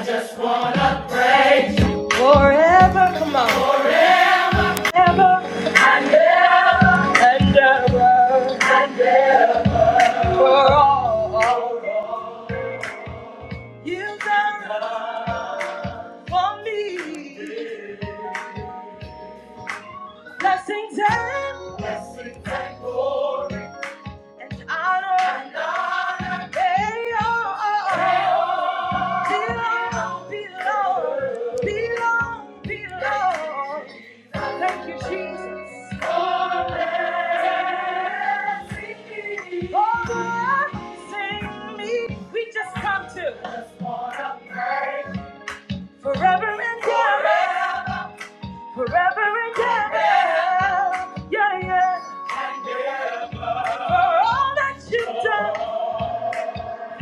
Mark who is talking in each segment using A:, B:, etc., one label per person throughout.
A: I just wanna praise you Forever, come on. forever Ever ever, and ever. and For all you've done for me. Blessings and Blessings and glory and honor. And honor. They all belong, belong, belong, belong. Thank you, Jesus. Oh, sing me. We just come to forever and ever forever and ever. Yeah, yeah. And ever. For all that you've done.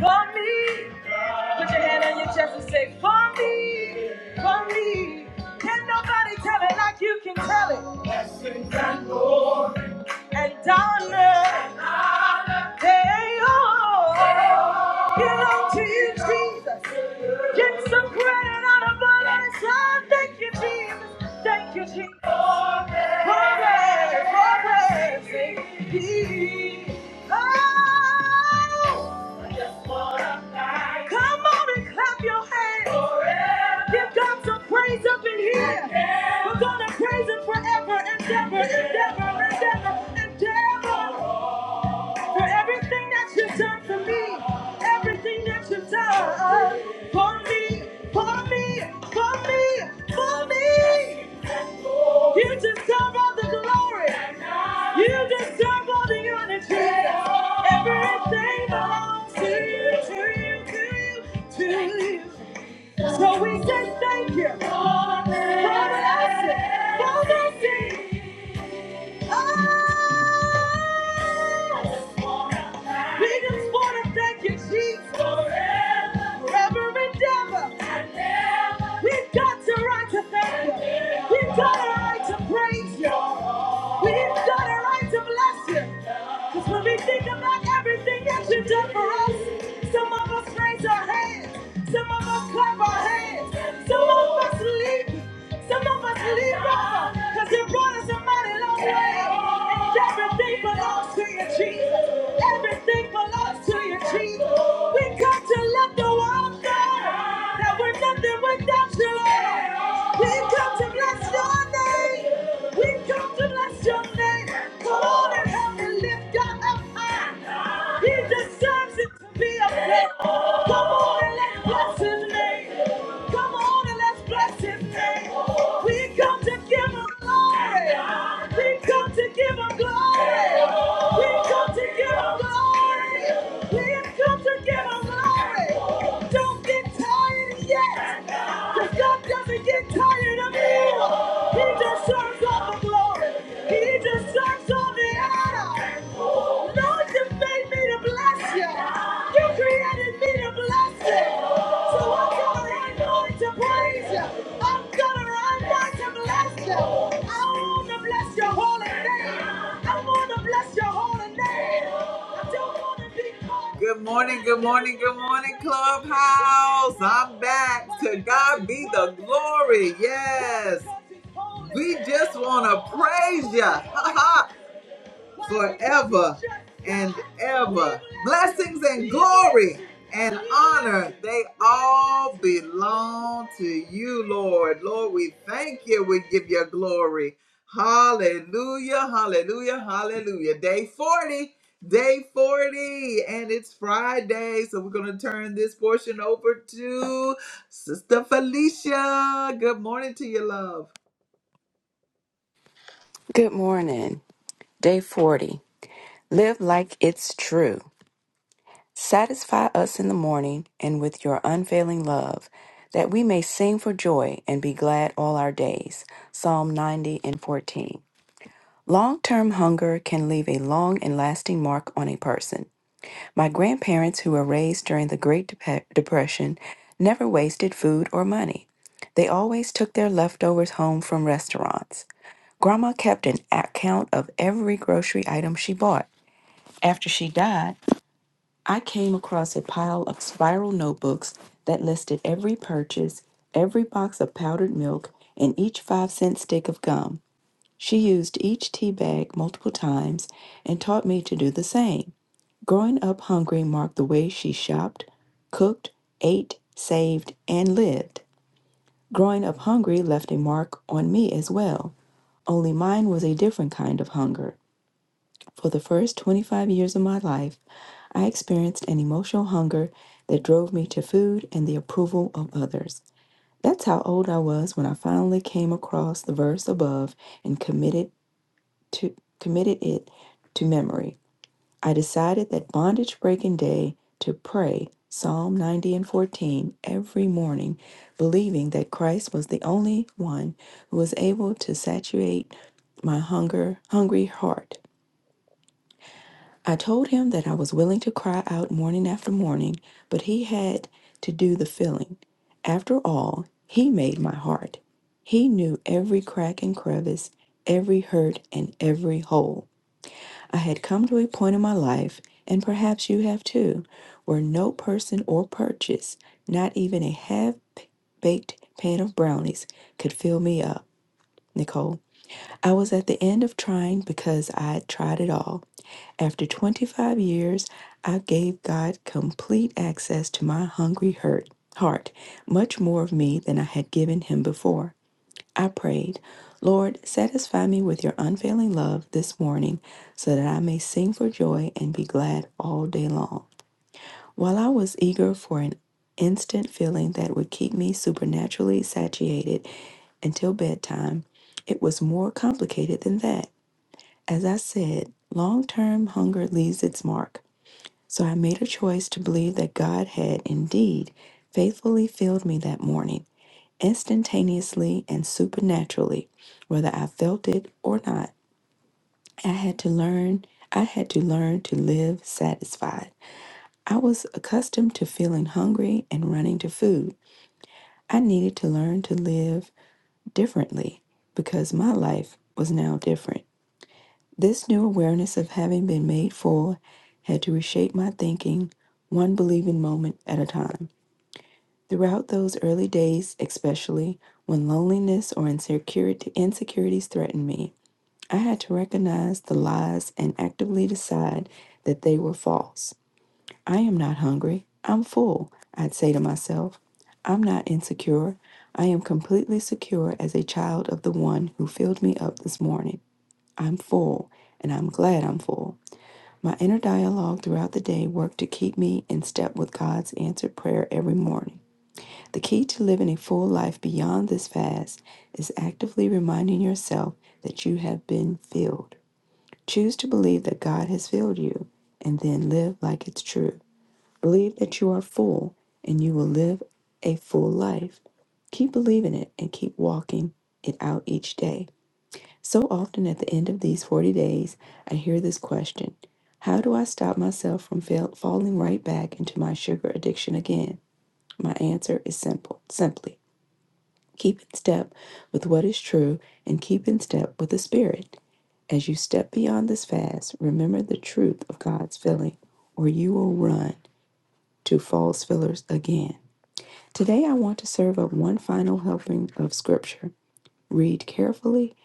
A: For me. Put your hand on your chest and say, For me, for me. Can nobody tell it like you can tell it? Blessings and glory and honor, they all belong to you, Jesus. Get some credit out of all that time. Thank you, Jesus. Thank you, Jesus. For praise, for Forever, forever, sing. Oh. Come on and clap your hands. Give God some praise up in here. We're gonna praise Him forever, and and ever and ever and ever and ever. For everything that you've done for me, everything that you've done for me, for me, for me, for me. You deserve all the glory. You deserve all the honor, Jesus. Everything belongs to you, to you, to you, to you. So we say thank you for the blessing, for the mercy. We just want to thank you, Jesus. Forever, Forever and ever. We've got the right to thank you. We've got a right to praise you. We've got a right to bless you. Because when we think about everything that you've done for us, some of us raise our hands. Some of us clap our hands. Some of us leave. Some of us leave, God, because you brought us a mighty long way. And everything belongs to you, Jesus. Everything belongs to you, Jesus. We come to let the world know that we're nothing without you, Lord. We come to bless your name. We come to bless your name. Come on and help me lift God up high. He deserves it to be a praise. Come on and let's bless his name. Come on and let's bless his name. We come to give him glory. We come to give him glory. We come to give him glory. We have come to give him glory. Don't get tired yet. Cause God doesn't get tired of you. He deserves all the glory. He deserves all the honor. Lord, you made me to bless you. You created me to bless you. So I'm gonna run mine to praise you. I'm gonna run mine to bless you. I wanna bless your holy name. I wanna bless your holy name. I don't wanna be caught. Good morning, good morning, good morning, Clubhouse. I'm back. To God be the glory. Yes. We just want to praise you. forever and ever. Blessings and glory and honor, they all belong to you, Lord. Lord, we thank you. We give you glory. Hallelujah, hallelujah, hallelujah. Day 40, day 40, and it's Friday. So we're going to turn this portion over to Sister Felicia. Good morning to you, love.
B: Good morning. Day 40. Live like it's true. Satisfy us in the morning and with your unfailing love, that we may sing for joy and be glad all our days. Psalm 90 and 14. Long term hunger can leave a long and lasting mark on a person. My grandparents, who were raised during the Great Dep- Depression, never wasted food or money. They always took their leftovers home from restaurants. Grandma kept an account of every grocery item she bought. After she died, I came across a pile of spiral notebooks that listed every purchase, every box of powdered milk, and each five cent stick of gum. She used each tea bag multiple times and taught me to do the same. Growing up hungry marked the way she shopped, cooked, ate, saved, and lived. Growing up hungry left a mark on me as well, only mine was a different kind of hunger. For the first 25 years of my life, I experienced an emotional hunger that drove me to food and the approval of others. That's how old I was when I finally came across the verse above and committed to committed it to memory. I decided that bondage breaking day to pray Psalm 90 and 14 every morning, believing that Christ was the only one who was able to saturate my hunger, hungry heart. I told him that I was willing to cry out morning after morning, but he had to do the filling. After all, he made my heart. He knew every crack and crevice, every hurt and every hole. I had come to a point in my life, and perhaps you have too, where no person or purchase, not even a half baked pan of brownies, could fill me up. Nicole, I was at the end of trying because I had tried it all. After 25 years, I gave God complete access to my hungry hurt, heart, much more of me than I had given him before. I prayed, Lord, satisfy me with your unfailing love this morning so that I may sing for joy and be glad all day long. While I was eager for an instant feeling that would keep me supernaturally satiated until bedtime, it was more complicated than that. As I said, long term hunger leaves its mark. So I made a choice to believe that God had indeed faithfully filled me that morning, instantaneously and supernaturally, whether I felt it or not. I had to learn, I had to learn to live satisfied. I was accustomed to feeling hungry and running to food. I needed to learn to live differently because my life was now different. This new awareness of having been made full had to reshape my thinking one believing moment at a time. Throughout those early days, especially when loneliness or insecurity, insecurities threatened me, I had to recognize the lies and actively decide that they were false. I am not hungry. I'm full, I'd say to myself. I'm not insecure. I am completely secure as a child of the one who filled me up this morning. I'm full, and I'm glad I'm full. My inner dialogue throughout the day worked to keep me in step with God's answered prayer every morning. The key to living a full life beyond this fast is actively reminding yourself that you have been filled. Choose to believe that God has filled you and then live like it's true. Believe that you are full and you will live a full life. Keep believing it and keep walking it out each day. So often at the end of these 40 days, I hear this question How do I stop myself from fail- falling right back into my sugar addiction again? My answer is simple simply. Keep in step with what is true and keep in step with the Spirit. As you step beyond this fast, remember the truth of God's filling, or you will run to false fillers again. Today, I want to serve up one final helping of Scripture. Read carefully,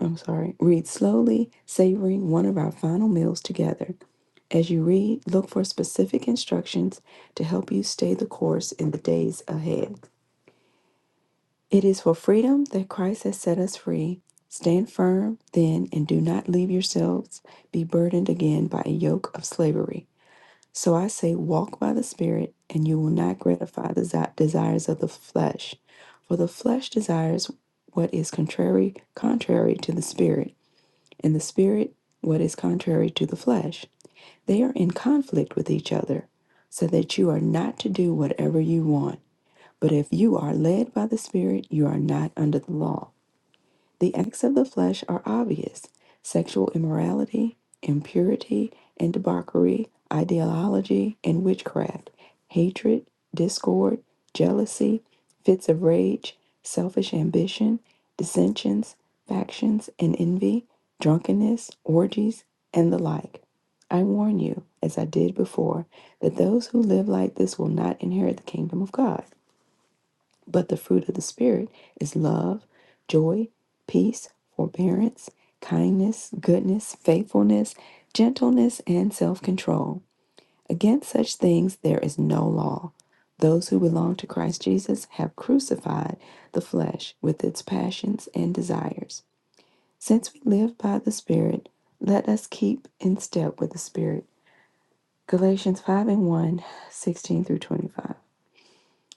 B: I'm sorry, read slowly, savoring one of our final meals together. As you read, look for specific instructions to help you stay the course in the days ahead. It is for freedom that Christ has set us free. Stand firm, then, and do not leave yourselves be burdened again by a yoke of slavery. So I say, walk by the Spirit, and you will not gratify the desi- desires of the flesh. For the flesh desires what is contrary, contrary to the Spirit, and the Spirit what is contrary to the flesh. They are in conflict with each other, so that you are not to do whatever you want. But if you are led by the Spirit, you are not under the law. The acts of the flesh are obvious sexual immorality, impurity, and debauchery, ideology, and witchcraft, hatred, discord, jealousy, fits of rage, selfish ambition, dissensions, factions, and envy, drunkenness, orgies, and the like. I warn you, as I did before, that those who live like this will not inherit the kingdom of God. But the fruit of the Spirit is love, joy, peace, forbearance, kindness, goodness, faithfulness, gentleness, and self control. Against such things there is no law. Those who belong to Christ Jesus have crucified the flesh with its passions and desires. Since we live by the Spirit, let us keep in step with the Spirit. Galatians 5 and 1, 16 through 25.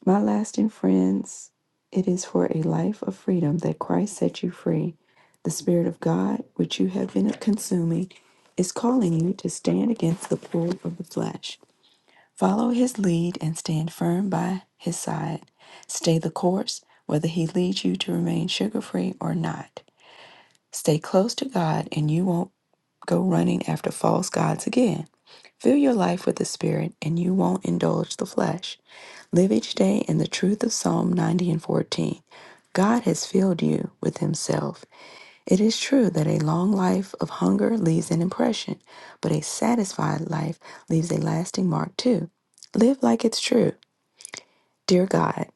B: My lasting friends, it is for a life of freedom that Christ set you free. The Spirit of God, which you have been consuming, is calling you to stand against the pull of the flesh. Follow his lead and stand firm by his side. Stay the course, whether he leads you to remain sugar free or not. Stay close to God, and you won't go running after false gods again. Fill your life with the Spirit, and you won't indulge the flesh. Live each day in the truth of Psalm 90 and 14. God has filled you with Himself. It is true that a long life of hunger leaves an impression, but a satisfied life leaves a lasting mark too. Live like it's true. Dear God,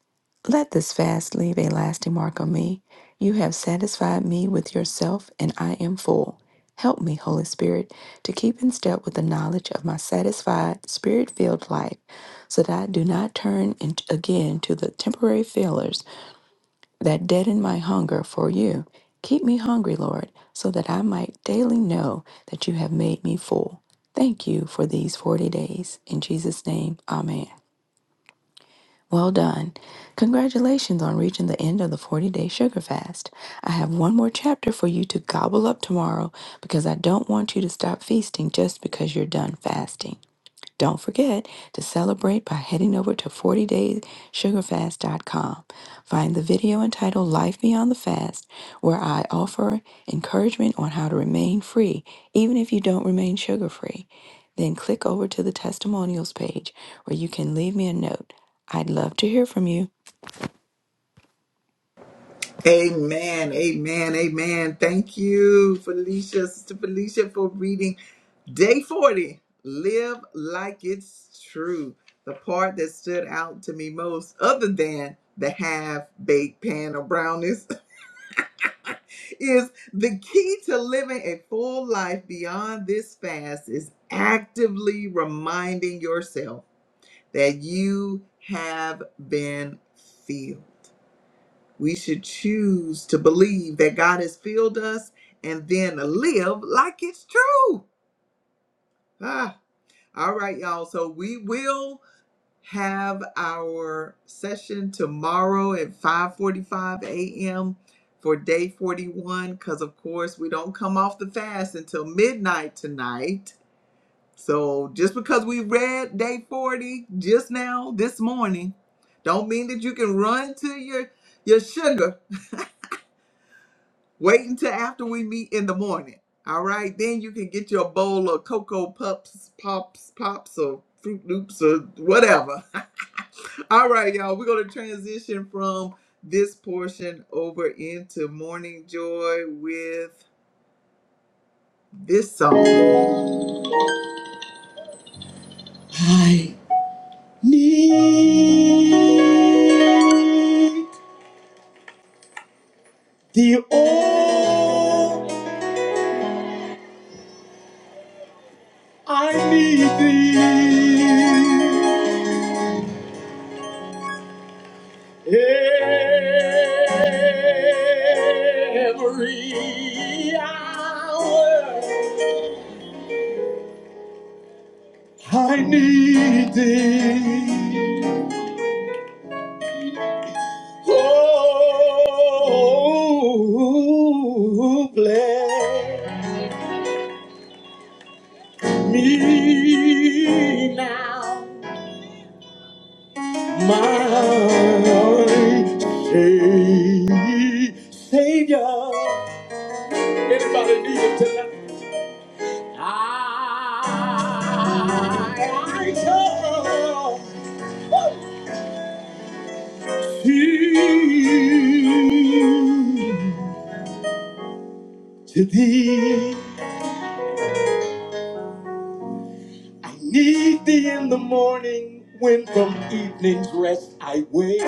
B: let this fast leave a lasting mark on me. You have satisfied me with yourself, and I am full. Help me, Holy Spirit, to keep in step with the knowledge of my satisfied, spirit filled life, so that I do not turn in- again to the temporary failures that deaden my hunger for you. Keep me hungry, Lord, so that I might daily know that you have made me full. Thank you for these 40 days. In Jesus' name, Amen. Well done. Congratulations on reaching the end of the 40 day sugar fast. I have one more chapter for you to gobble up tomorrow because I don't want you to stop feasting just because you're done fasting. Don't forget to celebrate by heading over to 40daysugarfast.com. Find the video entitled Life Beyond the Fast, where I offer encouragement on how to remain free, even if you don't remain sugar free. Then click over to the testimonials page where you can leave me a note. I'd love to hear from you.
A: Amen. Amen. Amen. Thank you, Felicia, Sister Felicia, for reading day 40. Live like it's true. The part that stood out to me most, other than the half baked pan of brownies, is the key to living a full life beyond this fast is actively reminding yourself that you have been filled. We should choose to believe that God has filled us and then live like it's true. Ah, all right, y'all. So we will have our session tomorrow at 5:45 a.m. for day 41 because of course we don't come off the fast until midnight tonight. So just because we read day 40 just now this morning don't mean that you can run to your your sugar Wait until after we meet in the morning. All right, then you can get you a bowl of cocoa pups, pops, pops, or fruit loops, or whatever. All right, y'all, we're gonna transition from this portion over into morning joy with this song. I need the all I need thee. Every hour I need thee. Oh, bless me now, my Savior. I, I come. Thee. To thee, I need thee in the morning when from evening's rest I wake.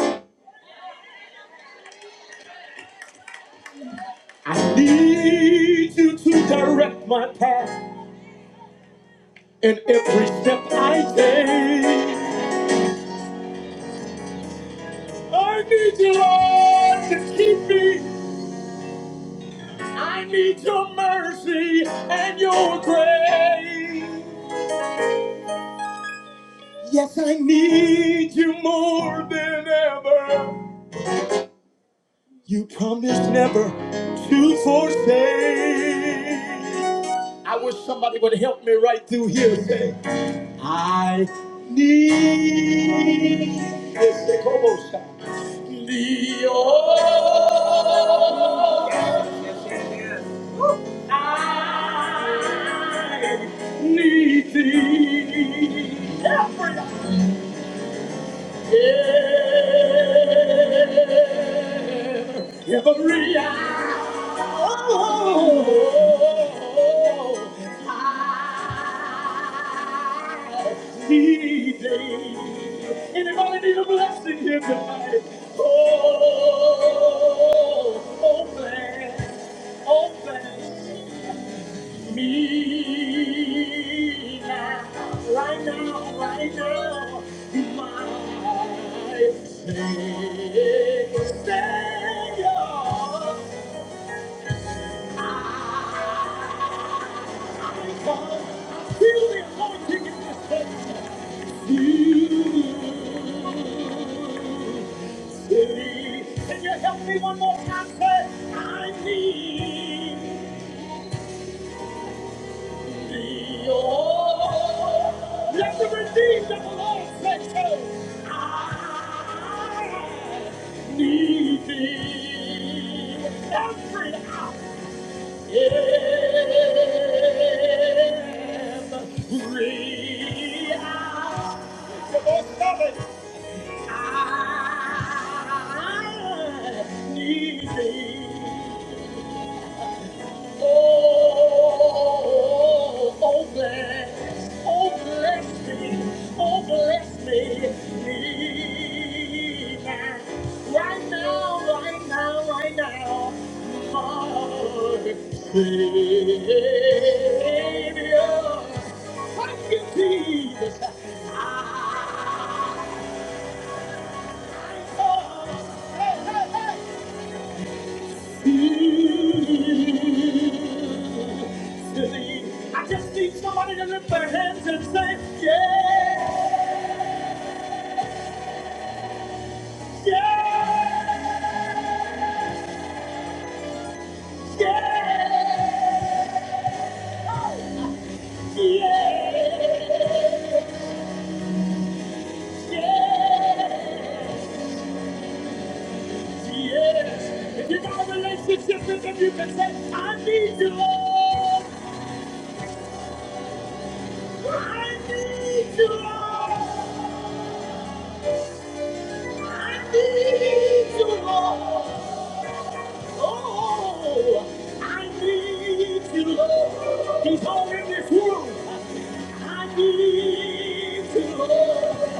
A: I need you to direct my path in every step I take. I need you, Lord, to keep me. I need your mercy and your grace. Yes, I need you more than ever. You promised never to forsake. I wish somebody would help me right through here. Say, I need este como Dios, need thee. Yeah. Every hour. day. Anybody need a blessing here tonight? Oh, yeah. Come on, stop it. I need thee. Oh, oh, bless, oh, bless me, oh, bless me. Need that Right now, right now, right now, heart, Savior. I just need to lift their hands and say, yeah, yeah, oh, I need you, Lord. He's all in this room. Need you, Lord.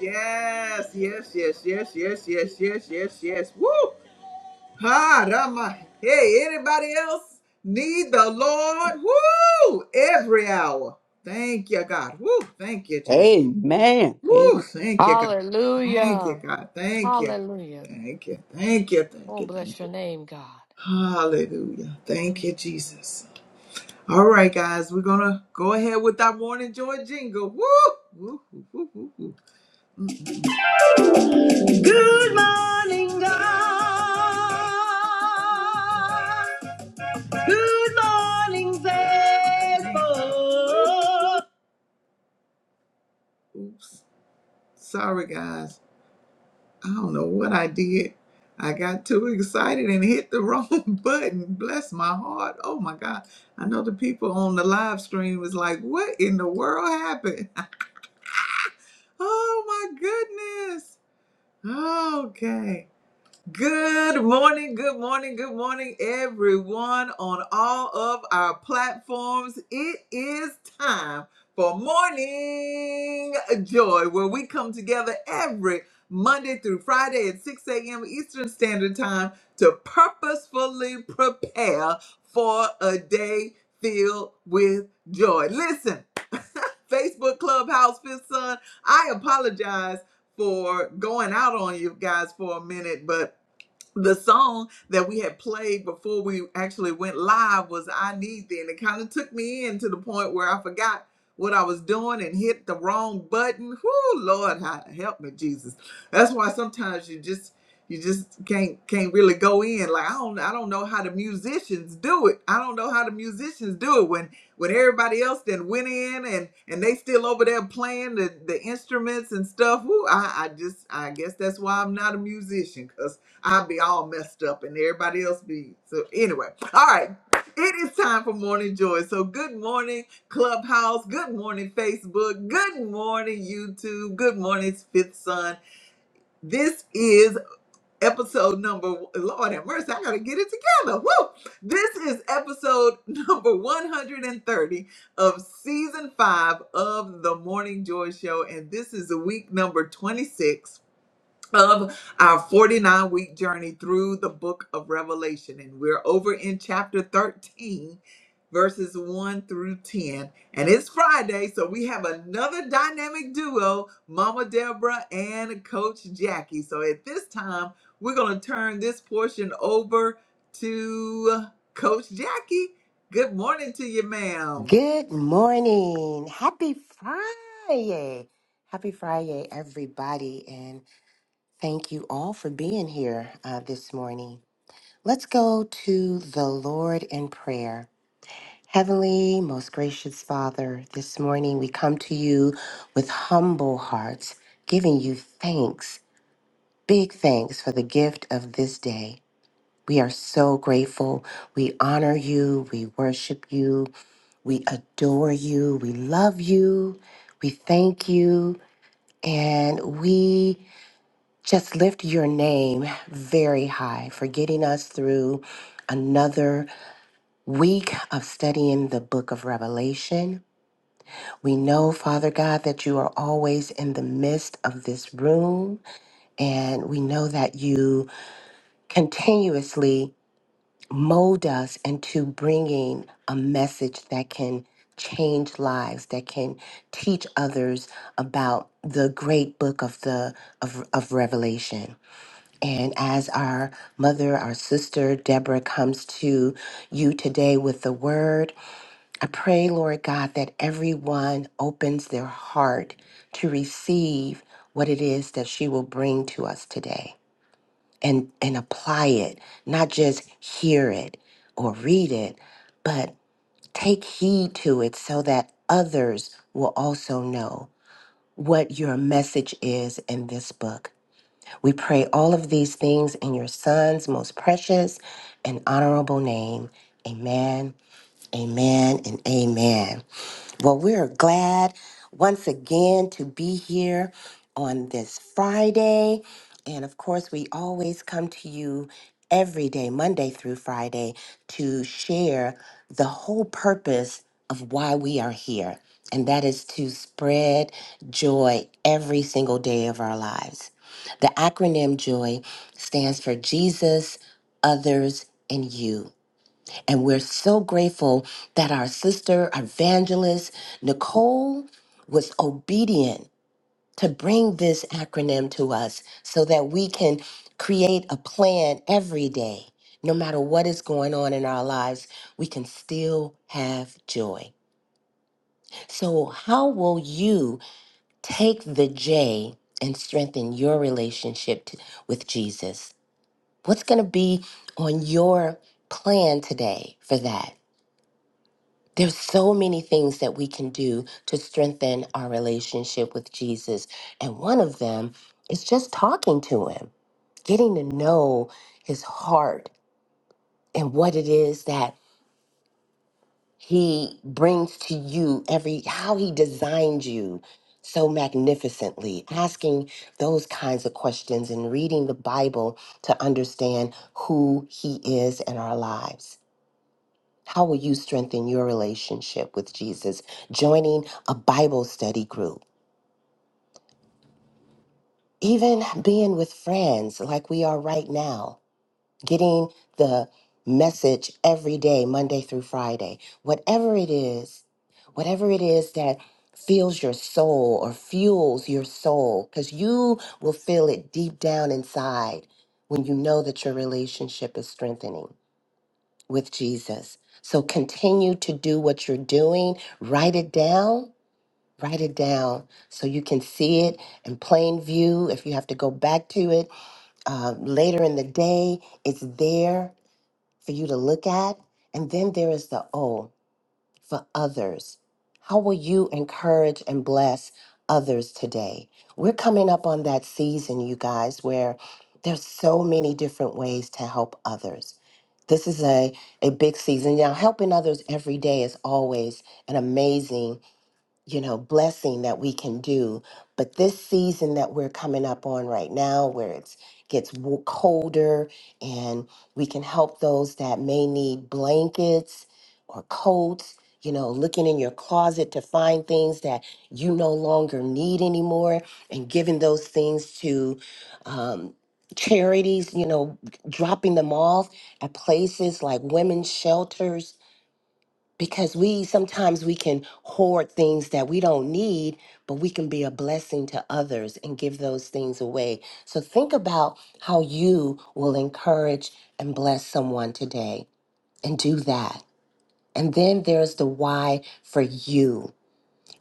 A: Yes, yes, yes, yes, yes, yes, yes, yes, yes. Woo! Ha, Rama. Hey, anybody else need the Lord? Woo! Every hour. Thank you, God. Woo! Thank you, Jesus.
C: Amen. Amen.
A: Woo! Thank you, God. Thank you,
D: Hallelujah.
A: God. Thank you.
D: Hallelujah.
A: Thank you. Thank you. Thank
D: Oh,
A: you.
D: bless
A: Thank
D: your
A: you.
D: name, God.
A: Hallelujah. Thank
D: Mm.
A: you, Jesus. All right, guys, we're gonna go ahead with our morning joy jingle. Woo! Woo! Woo! Woo! Woo! woo. Oops. Sorry, guys. I don't know what I did. I got too excited and hit the wrong button. Bless my heart. Oh my God. I know the people on the live stream was like, what in the world happened? Oh my goodness. Okay. Good morning, good morning, good morning, everyone on all of our platforms. It is time for Morning Joy, where we come together every Monday through Friday at 6 a.m. Eastern Standard Time to purposefully prepare for a day filled with joy. Listen. Facebook Clubhouse Fifth Son. I apologize for going out on you guys for a minute, but the song that we had played before we actually went live was I Need Thee. And it kind of took me in to the point where I forgot what I was doing and hit the wrong button. Whoo, Lord, hi- help me, Jesus. That's why sometimes you just you just can't can't really go in. Like I don't I don't know how the musicians do it. I don't know how the musicians do it when when everybody else then went in and and they still over there playing the, the instruments and stuff. Whoo, I, I just I guess that's why I'm not a musician 'cause I'll be all messed up and everybody else be. So, anyway, all right. It is time for morning joy. So, good morning, Clubhouse. Good morning, Facebook. Good morning, YouTube. Good morning, Fifth Son. This is episode number, Lord have mercy, I got to get it together. Woo! This is episode number 130 of season five of the Morning Joy Show. And this is week number 26 of our 49 week journey through the book of Revelation. And we're over in chapter 13, verses 1 through 10. And it's Friday, so we have another dynamic duo, Mama Deborah and Coach Jackie. So at this time, we're going to turn this portion over to Coach Jackie. Good morning to you, ma'am.
E: Good morning. Happy Friday. Happy Friday, everybody. And thank you all for being here uh, this morning. Let's go to the Lord in prayer. Heavenly, most gracious Father, this morning we come to you with humble hearts, giving you thanks, big thanks for the gift of this day. We are so grateful. We honor you. We worship you. We adore you. We love you. We thank you. And we just lift your name very high for getting us through another week of studying the book of Revelation. We know, Father God, that you are always in the midst of this room. And we know that you continuously. mold us into bringing a message that can change lives that can teach others about the great book of the of, of revelation and as our mother our sister deborah comes to you today with the word i pray lord god that everyone opens their heart to receive what it is that she will bring to us today and and apply it not just hear it or read it but take heed to it so that others will also know what your message is in this book we pray all of these things in your son's most precious and honorable name amen amen and amen well, we're glad once again to be here on this Friday. And of course, we always come to you every day, Monday through Friday, to share the whole purpose of why we are here. And that is to spread joy every single day of our lives. The acronym JOY stands for Jesus, Others, and You. And we're so grateful that our sister, our evangelist, Nicole, was obedient to bring this acronym to us so that we can create a plan every day. No matter what is going on in our lives, we can still have joy. So, how will you take the J and strengthen your relationship t- with Jesus? What's going to be on your plan today for that? There's so many things that we can do to strengthen our relationship with Jesus. And one of them is just talking to him, getting to know his heart and what it is that he brings to you every how he designed you so magnificently asking those kinds of questions and reading the bible to understand who he is in our lives How will you strengthen your relationship with Jesus? Joining a Bible study group, even being with friends like we are right now, getting the message every day, Monday through Friday, whatever it is, whatever it is that fills your soul or fuels your soul, because you will feel it deep down inside when you know that your relationship is strengthening. with Jesus. So continue to do what you're doing. Write it down. Write it down so you can see it in plain view. If you have to go back to it uh, later in the day, it's there for you to look at. And then there is the O for others? How will you encourage and bless others today? We're coming up on that season, you guys, where there's so many different ways to help others. This is a, a big season. Now, helping others every day is always an amazing you know, blessing that we can do. But this season that we're coming up on right now, where it's gets w- colder, and we can help those that may need blankets or coats. You know, looking in your closet to find things that you no longer need anymore, and giving those things to um, charities. You know, dropping them off at places like women's shelters because we sometimes we can hoard things that we don't need but we can be a blessing to others and give those things away so think about how you will encourage and bless someone today and do that and then there's the why for you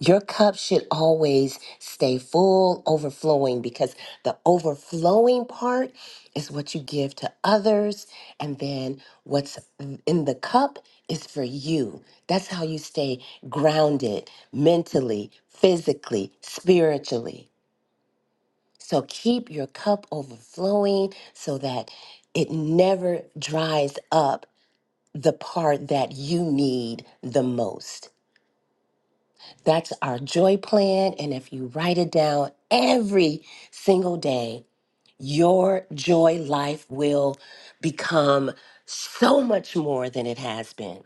E: your cup should always stay full, overflowing, because the overflowing part is what you give to others. And then what's in the cup is for you. That's how you stay grounded mentally, physically, spiritually. So keep your cup overflowing so that it never dries up the part that you need the most. That's our joy plan. And if you write it down every single day, your joy life will become so much more than it has been.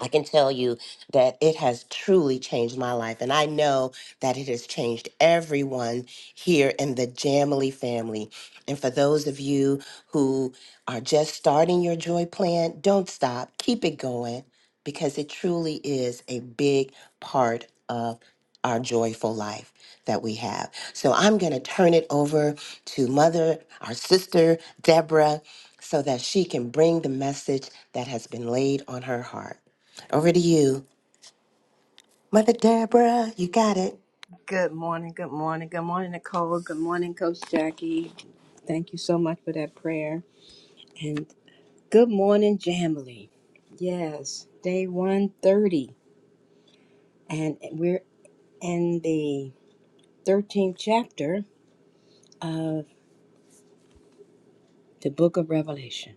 E: I can tell you that it has truly changed my life. And I know that it has changed everyone here in the Jamily family. And for those of you who are just starting your joy plan, don't stop. Keep it going because it truly is a big part of our joyful life that we have. So I'm going to turn it over to Mother, our sister, Deborah, so that she can bring the message that has been laid on her heart. Over to you, Mother Deborah. You got it.
F: Good morning, good morning, good morning, Nicole. Good morning, Coach Jackie. Thank you so much for that prayer. And good morning, Jamily. Yes, day 130. And we're in the 13th chapter of the book of Revelation,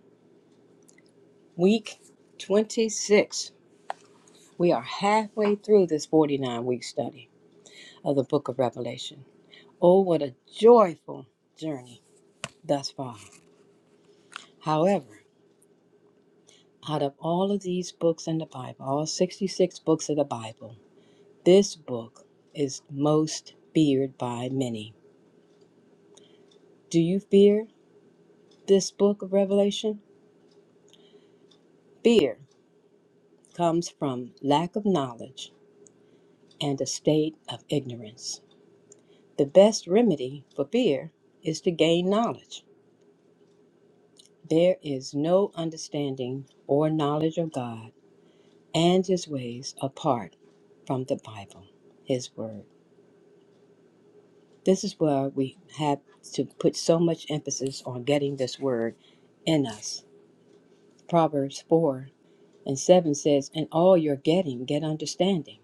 F: week 26. We are halfway through this 49 week study of the book of Revelation. Oh, what a joyful journey thus far. However, Out of all of these books in the Bible, all 66 books of the Bible, this book is most feared by many. Do you fear this book of Revelation? Fear comes from lack of knowledge and a state of ignorance. The best remedy for fear is to gain knowledge. There is no understanding or knowledge of God and His ways apart from the Bible, His Word. This is where we have to put so much emphasis on getting this word in us. Proverbs 4 and 7 says, In all you're getting, get understanding.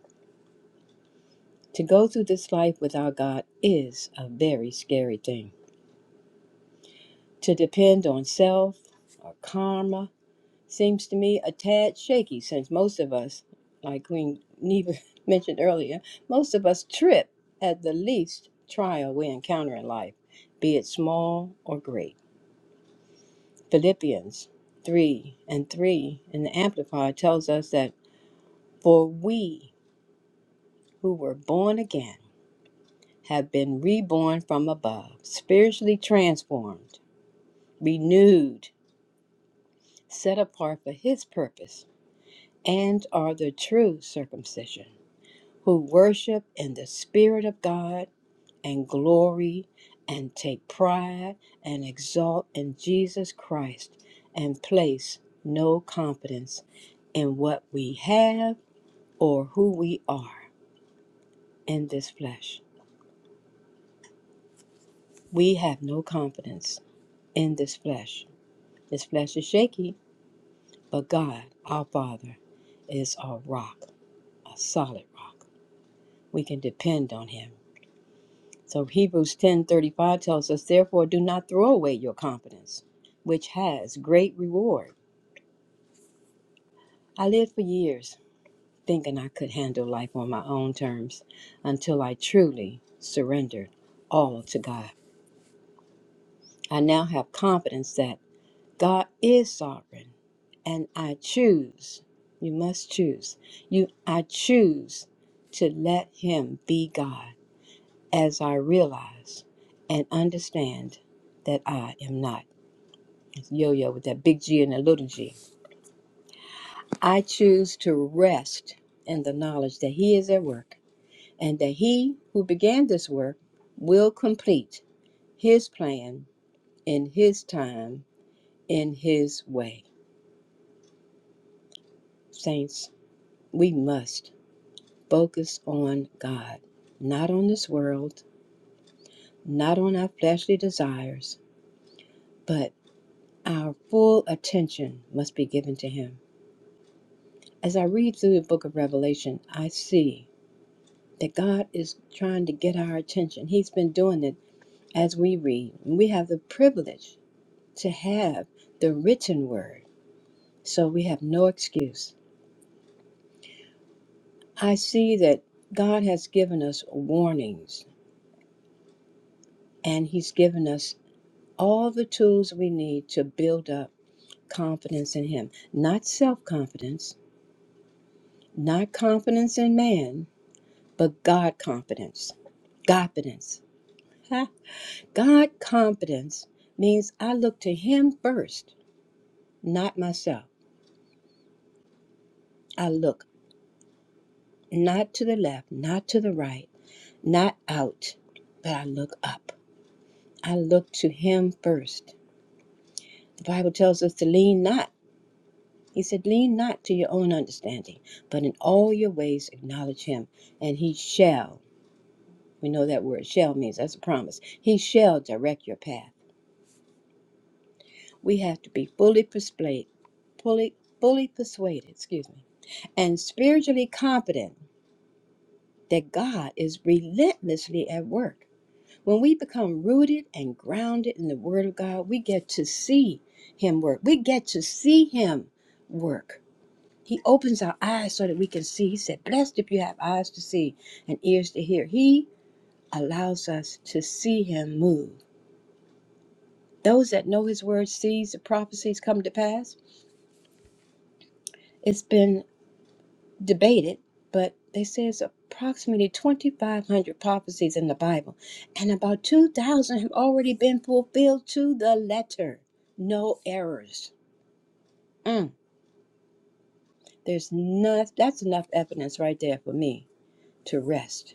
F: To go through this life without God is a very scary thing. To depend on self or karma seems to me a tad shaky since most of us, like Queen Neva mentioned earlier, most of us trip at the least trial we encounter in life, be it small or great. Philippians 3 and 3 in the Amplified tells us that, For we who were born again have been reborn from above, spiritually transformed, renewed, set apart for His purpose, and are the true circumcision. who worship in the Spirit of God and glory and take pride and exalt in Jesus Christ and place no confidence in what we have or who we are in this flesh. We have no confidence in this flesh. This flesh is shaky, but God, our Father, is our rock, a solid rock. We can depend on Him. So Hebrews 10:35 tells us, "Therefore do not throw away your confidence, which has great reward." I lived for years thinking I could handle life on my own terms until I truly surrendered all to God. I now have confidence that God is sovereign and I choose. You must choose. You I choose to let him be God as I realize and understand that I am not. yo yo with that big G and that little g. I choose to rest in the knowledge that He is at work and that He who began this work will complete His plan in His time, in His way. Saints, we must focus on God, not on this world, not on our fleshly desires, but our full attention must be given to Him. As I read through the book of Revelation, I see. that God is trying to get our attention. He's been doing it as we read. We have the privilege to have the written word, so we have no excuse. I see that God has given us warnings and He's given us all the tools we need to build up confidence in Him. Not self confidence, not confidence in man, but God confidence. Godfidence. Huh? God confidence means I look to Him first not myself. I look not to the left, not to the right, not out, but I look up. I look to Him first. The Bible tells us to lean not. He said, Lean not to your own understanding, but in all your ways acknowledge Him, and He shall. We know that word shall means that's a promise. He shall direct your path. We have to be fully persuaded, fully, fully persuaded, excuse me, and spiritually confident that God is relentlessly at work. When we become rooted and grounded in the Word of God, we get to see Him work. We get to see Him work. He opens our eyes so that we can see. He said, Blessed if you have eyes to see and ears to hear. He allows us to see Him move. Those that know His Word sees the prophecies come to pass. It's been. debated, but they say it's approximately 2,500 prophecies in the Bible, and about 2,000 have already been fulfilled to the letter. No errors. Mm, there's enough, that's enough evidence right there for me to rest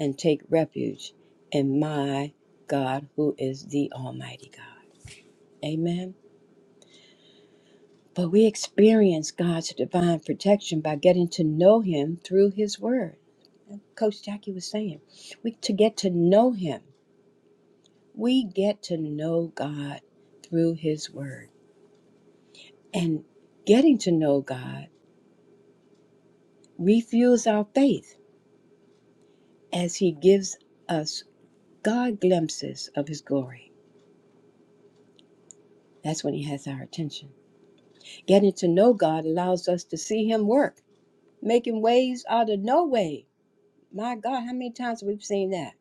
F: and take refuge in my God, who is the Almighty God. Amen. But we experience God's divine protection by getting to know Him through His Word. Coach Jackie was saying, we to get to know him. We get to know God through his word. And getting to know God refuels our faith as he gives us God glimpses of his glory. That's when he has our attention. Getting to know God allows us to see him work, making ways out of no way. My God, how many times we've seen that?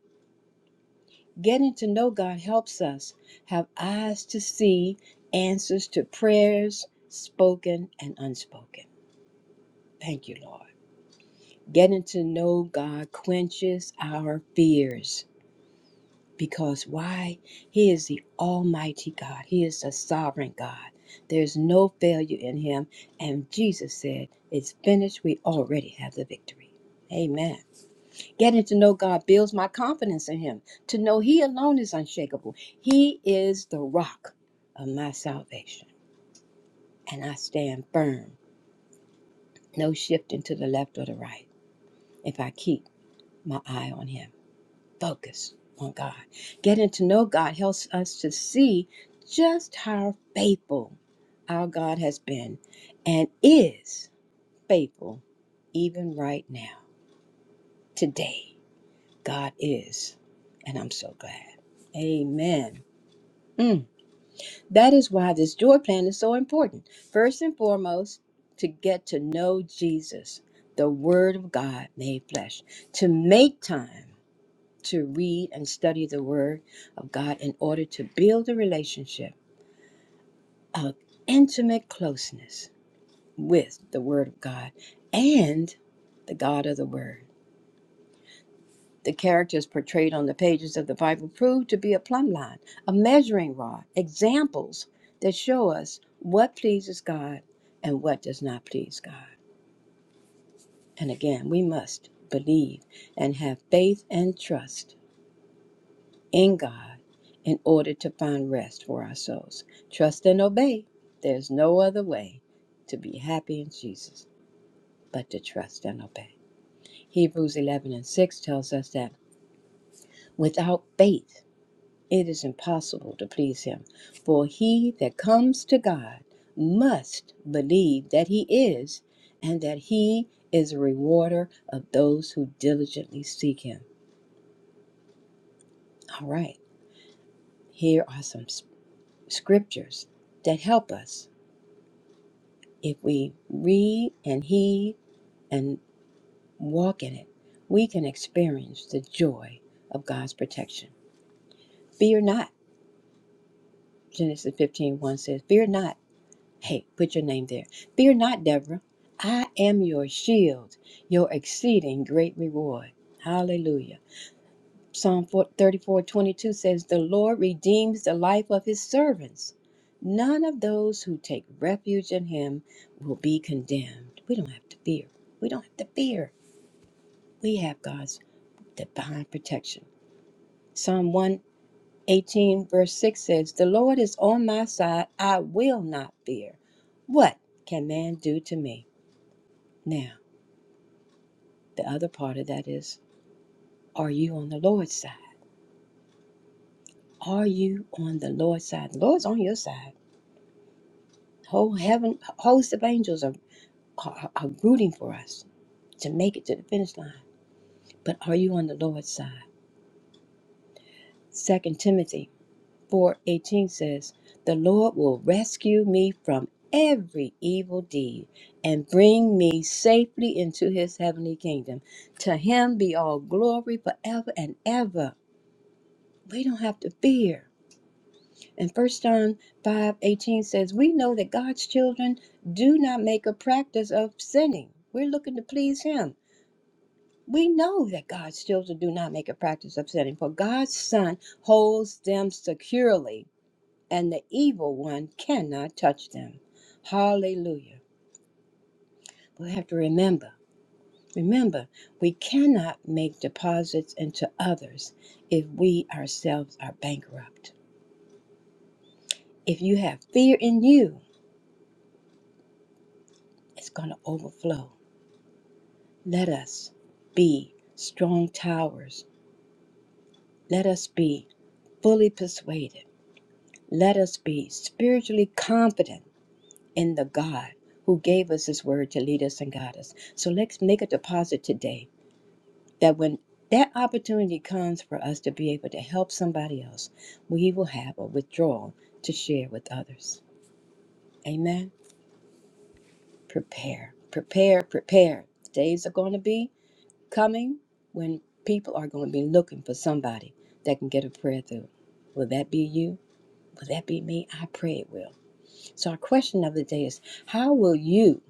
F: Getting to know God helps us have eyes to see answers to prayers, spoken and unspoken. Thank you, Lord. Getting to know God quenches our fears because why? He is the Almighty God, He is the sovereign God. There's no failure in Him. And Jesus said, It's finished. We already have the victory. Amen. Getting to know God builds my confidence in Him, to know He alone is unshakable. He is the rock of my salvation, and I stand firm, no shifting to the left or the right, if I keep my eye on Him. Focus on God. Getting to know God helps us to see just how faithful our God has been and is faithful even right now. Today, God is, and I'm so glad. Amen. Mm. That is why this joy plan is so important. First and foremost, to get to know Jesus, the Word of God made flesh, to make time to read and study the Word of God in order to build a relationship of intimate closeness with the Word of God and the God of the Word. The characters portrayed on the pages of the Bible prove to be a plumb line, a measuring rod, examples that show us what pleases God and what does not please God. And again, we must believe and have faith and trust in God in order to find rest for our souls. Trust and obey. There's no other way to be happy in Jesus but to trust and obey. Hebrews 11 and 6 tells us that without faith, It is impossible to please him. For he that comes to God must believe that he is, and that he is a rewarder of those who diligently seek him. All right, here are some scriptures that help us. If we read and heed and walk in it, we can experience the joy of God's protection. Fear not, Genesis fifteen one says, Fear not. Hey, put your name there. Fear not, Deborah. I am your shield, your exceeding great reward. Hallelujah. Psalm 34 22 says, The Lord redeems the life of his servants. None of those who take refuge in him will be condemned. We don't have to fear. We don't have to fear. We have God's divine protection. Psalm 118, verse 6 says, The Lord is on my side. I will not fear. What can man do to me? Now, the other part of that is, are you on the Lord's side? Are you on the Lord's side? The Lord's on your side. Whole heaven, host of angels are, are, are rooting for us to make it to the finish line. But are you on the Lord's side? Second Timothy 4.18 says, The Lord will rescue me from every evil deed and bring me safely into his heavenly kingdom. To him be all glory forever and ever. We don't have to fear And First John 5 18 says, We know that God's children do not make a practice of sinning. We're looking to please Him. We know that God's children do not make a practice of sinning, for God's Son holds them securely, and the evil one cannot touch them. Hallelujah. We have to remember, remember, we cannot make deposits into others if we ourselves are bankrupt. If you have fear in you, it's going to overflow Let us be strong towers. Let us be fully persuaded. Let us be spiritually confident in the God who gave us his word to lead us and guide us. So let's make a deposit today that when that opportunity comes for us to be able to help somebody else, we will have a withdrawal to share with others. Amen. Prepare, prepare, prepare. Days are going to be coming when people are going to be looking for somebody that can get a prayer through. Will that be you? Will that be me? I pray it will. So, our question of the day is how will you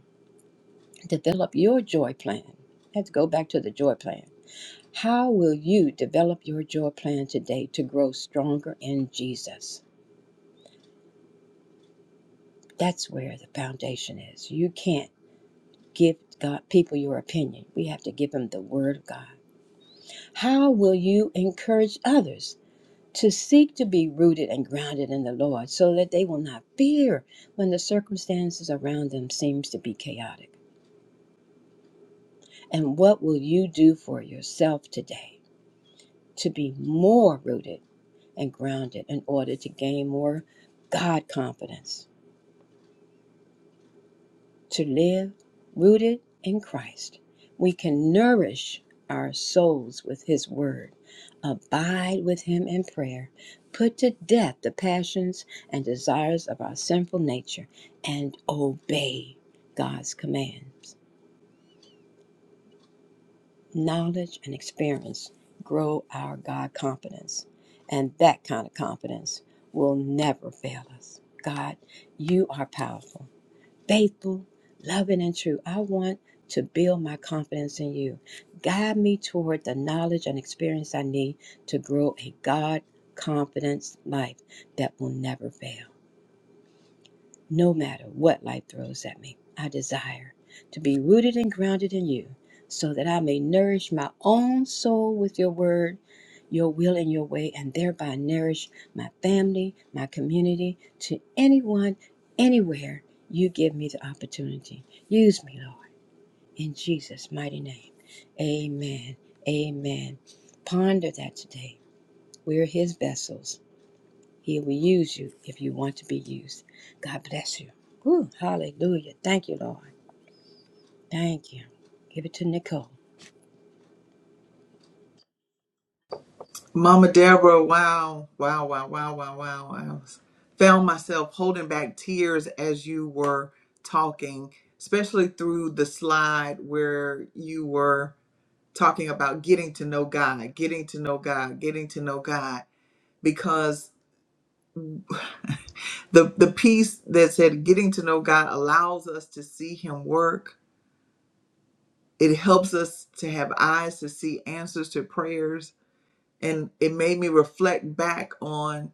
F: develop your joy plan? Let's go back to the joy plan. How will you develop your joy plan today to grow stronger in Jesus? That's where the foundation is. You can't give God people your opinion. We have to give them the word of God. How will you encourage others to seek to be rooted and grounded in the Lord so that they will not fear when the circumstances around them seems to be chaotic. And what will you do for yourself today to be more rooted and grounded in order to gain more God confidence? to live rooted in Christ. We can nourish our souls with His Word, abide with Him in prayer, put to death the passions and desires of our sinful nature, and obey God's commands. Knowledge and experience grow our God confidence, and that kind of confidence will never fail us. God, you are powerful. faithful, loving, and true. I want to build my confidence in you. Guide me toward the knowledge and experience I need to grow a God confidence life that will never fail. No matter what life throws at me, I desire to be rooted and grounded in you so that I may nourish my own soul with your word, your will, and your way, and thereby nourish my family, my community, to anyone, anywhere you give me the opportunity. Use me, Lord, in Jesus' mighty name. Amen. Amen. Ponder that today. We're his vessels he will use you if you want to be used. God bless you. Woo, hallelujah. Thank you, Lord. Thank you. Give it to Nicole.
A: Mama Deborah, wow, wow, wow, wow, wow, wow. I was, found myself holding back tears as you were talking, especially through the slide where you were talking about getting to know God, getting to know God, getting to know God, because the the piece that said getting to know God allows us to see Him work. It helps us to have eyes to see answers to prayers, and it made me reflect back on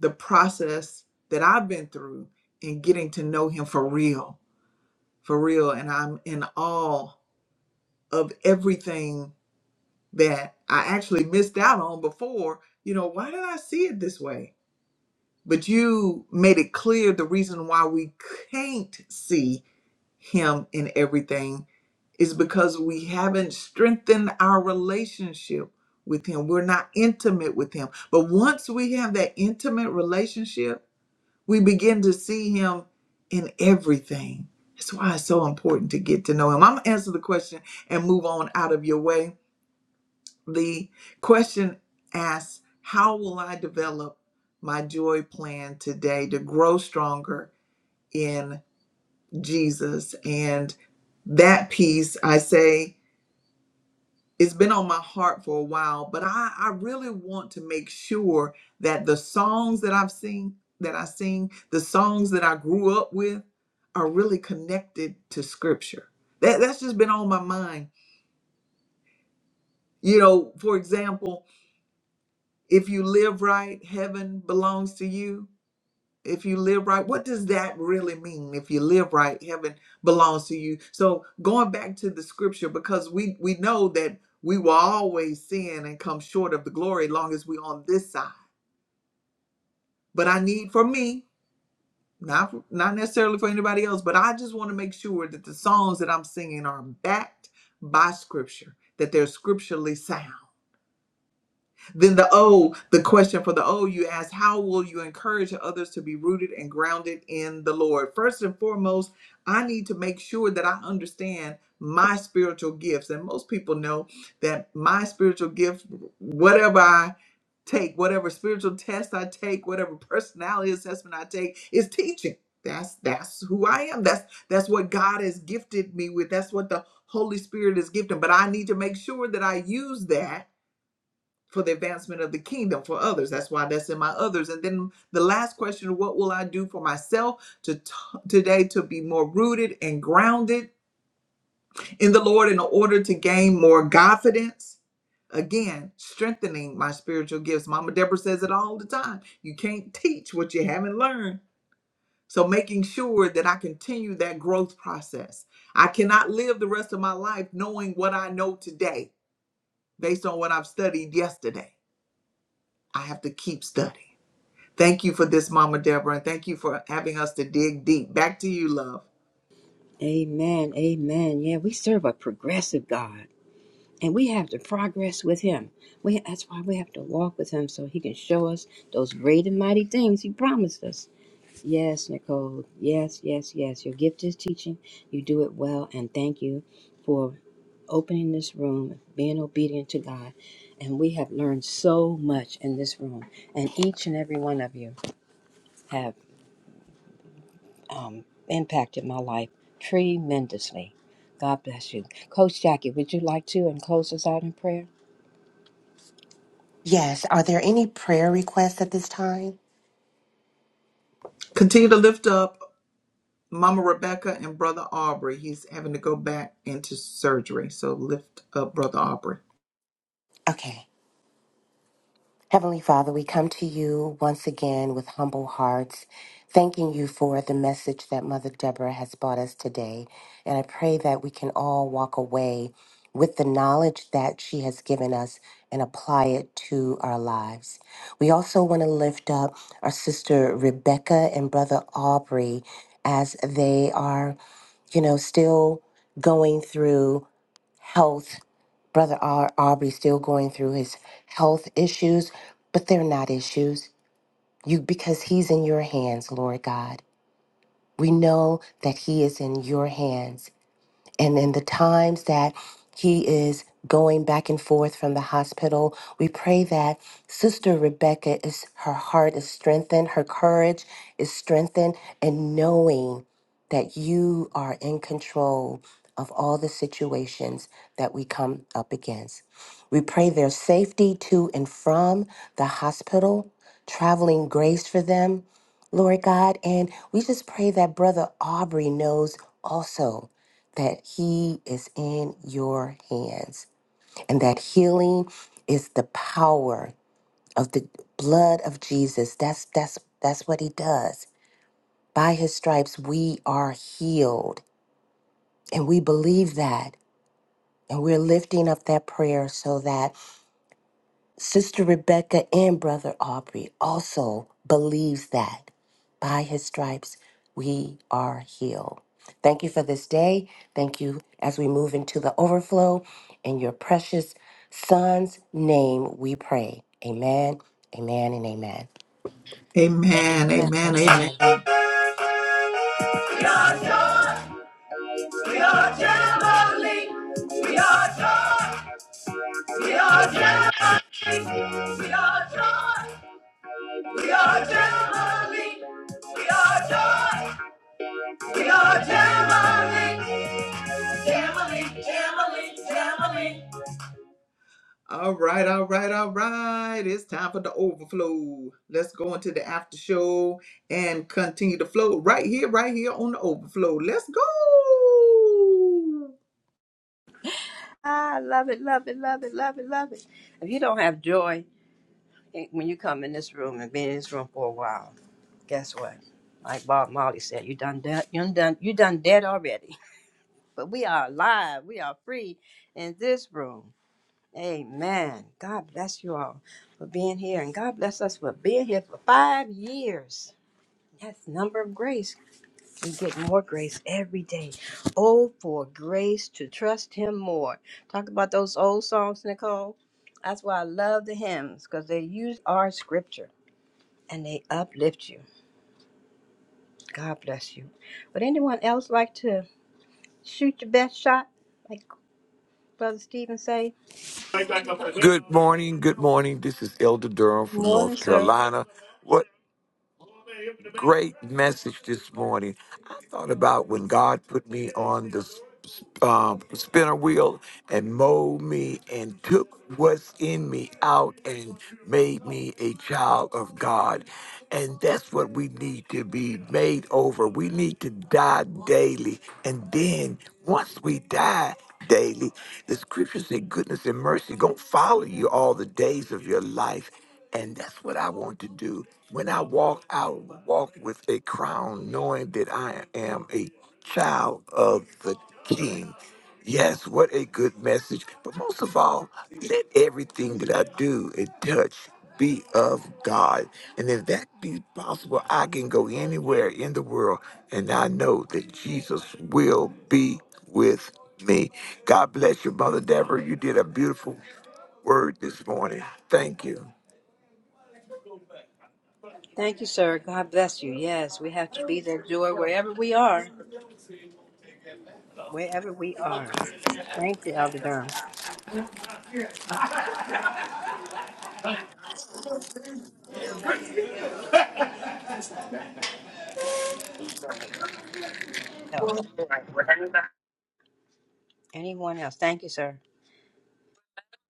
A: the process that I've been through in getting to know him for real, for real. And I'm in awe of everything that I actually missed out on before. You know, why did I see it this way? But you made it clear the reason why we can't see him in everything is because we haven't strengthened our relationship with him. We're not intimate with him. But once we have that intimate relationship, We begin to see him in everything. That's why it's so important to get to know him. I'm going to answer the question and move on out of your way. The question asks How will I develop my joy plan today to grow stronger in Jesus? And that piece, I say, it's been on my heart for a while, but I, I really want to make sure that the songs that I've seen, that I sing, the songs that I grew up with are really connected to scripture. That, that's just been on my mind. You know, for example, if you live right, heaven belongs to you if you live right what does that really mean if you live right heaven belongs to you so going back to the scripture because we we know that we will always sin and come short of the glory long as we on this side but i need for me not not necessarily for anybody else but i just want to make sure that the songs that i'm singing are backed by scripture that they're scripturally sound Then the O, the question for the O you ask, how will you encourage others to be rooted and grounded in the Lord? First and foremost, I need to make sure that I understand my spiritual gifts. And most people know that my spiritual gift, whatever I take, whatever spiritual test I take, whatever personality assessment I take, is teaching. That's that's who I am. That's that's what God has gifted me with. That's what the Holy Spirit is gifted. But I need to make sure that I use that for the advancement of the kingdom for others. That's why that's in my others. And then the last question, what will I do for myself to t- today to be more rooted and grounded in the Lord in order to gain more confidence? Again, strengthening my spiritual gifts. Mama Deborah says it all the time. You can't teach what you haven't learned. So making sure that I continue that growth process. I cannot live the rest of my life knowing what I know today based on what I've studied yesterday. I have to keep studying. Thank you for this, Mama Deborah, and thank you for having us to dig deep. Back to you, love.
F: Amen. Amen. Yeah, we serve a progressive God, and we have to progress with Him. We, that's why we have to walk with Him so He can show us those great and mighty things He promised us. Yes, Nicole. Yes, yes, yes. Your gift is teaching. You do it well, and thank you. for. opening this room, being obedient to God. And we have learned so much in this room. And each and every one of you have um, impacted my life tremendously. God bless you. Coach Jackie, would you like to and close us out in prayer?
E: Yes. Are there any prayer requests at this time?
A: Continue to lift up Mama Rebecca and Brother Aubrey. He's having to go back into surgery, so lift up Brother Aubrey.
E: Okay. Heavenly Father, we come to you once again with humble hearts, thanking you for the message that Mother Deborah has brought us today. And I pray that we can all walk away with the knowledge that she has given us and apply it to our lives. We also want to lift up our sister Rebecca and brother Aubrey as they are. you know, still going through health. Brother Ar- Aubrey still going through his health issues, but they're not issues. You because he's in your hands, Lord God. We know that he is in your hands and in the times that he is going back and forth from the hospital, we pray that Sister Rebecca is her heart is strengthened, her courage is strengthened, and knowing that you are in control of all the situations that we come up against. We pray their safety to and from the hospital, traveling grace for them, Lord God. And we just pray that Brother Aubrey knows also that He is in your hands and that healing is the power of the blood of Jesus. That's that's that's what He does. By His stripes we are healed, and we believe that, and we're lifting up that prayer so that Sister Rebecca and Brother Aubrey also believes that by his stripes we are healed. Thank you for this day. Thank you as we move into the overflow. In your precious son's name we pray. Amen, amen, and amen.
A: Amen,
F: Amen.
A: amen, amen.
F: Amen.
A: We are joy, we are family. We are joy, we are family. We are joy, we are family. We are joy, we are family. Family, family, family. All right, all right, all right. It's time for the overflow. Let's go into the after show and continue the flow right here, right here on the overflow. Let's go.
F: Ah, love it, love it, love it, love it, love it. If you don't have joy eh, when you come in this room and be in this room for a while, guess what? Like Bob Marley said, you done dead, you done, you done dead already. but we are alive. We are free in this room. Amen. God bless you all for being here, and God bless us for being here for five years. That's the number of grace. We get more grace every day. Oh, for grace to trust Him more. Talk about those old songs, Nicole. That's why I love the hymns because they use our scripture and they uplift you. God bless you. Would anyone else like to shoot your best shot, like Brother Stephen says?
G: Good morning. Good morning. This is Elder Durham
F: Good
G: from
F: morning,
G: North
F: sir.
G: Carolina. What Great message this morning. I thought about when God put me on the s- s- um, spinner wheel and mowed me and took what's in me out and made me a child of God. And that's what we need to be made over. We need to die daily. And then once we die, daily. The scriptures say goodness and mercy gonna follow you all the days of your life. And that's what I want to do. When I walk out, walk with a crown, knowing that I am a child of the King. Yes, what a good message. But most of all, let everything that I do and touch be of God. And if that be possible, I can go anywhere in the world and I know that Jesus will be with me. God bless you, Mother Deborah. You did a beautiful word this morning. Thank you.
F: Thank you, sir. God bless you. Yes, we have to be that joy wherever we are. Wherever we are. Thank you, Elder Durham. Else. Anyone else? Thank you, sir.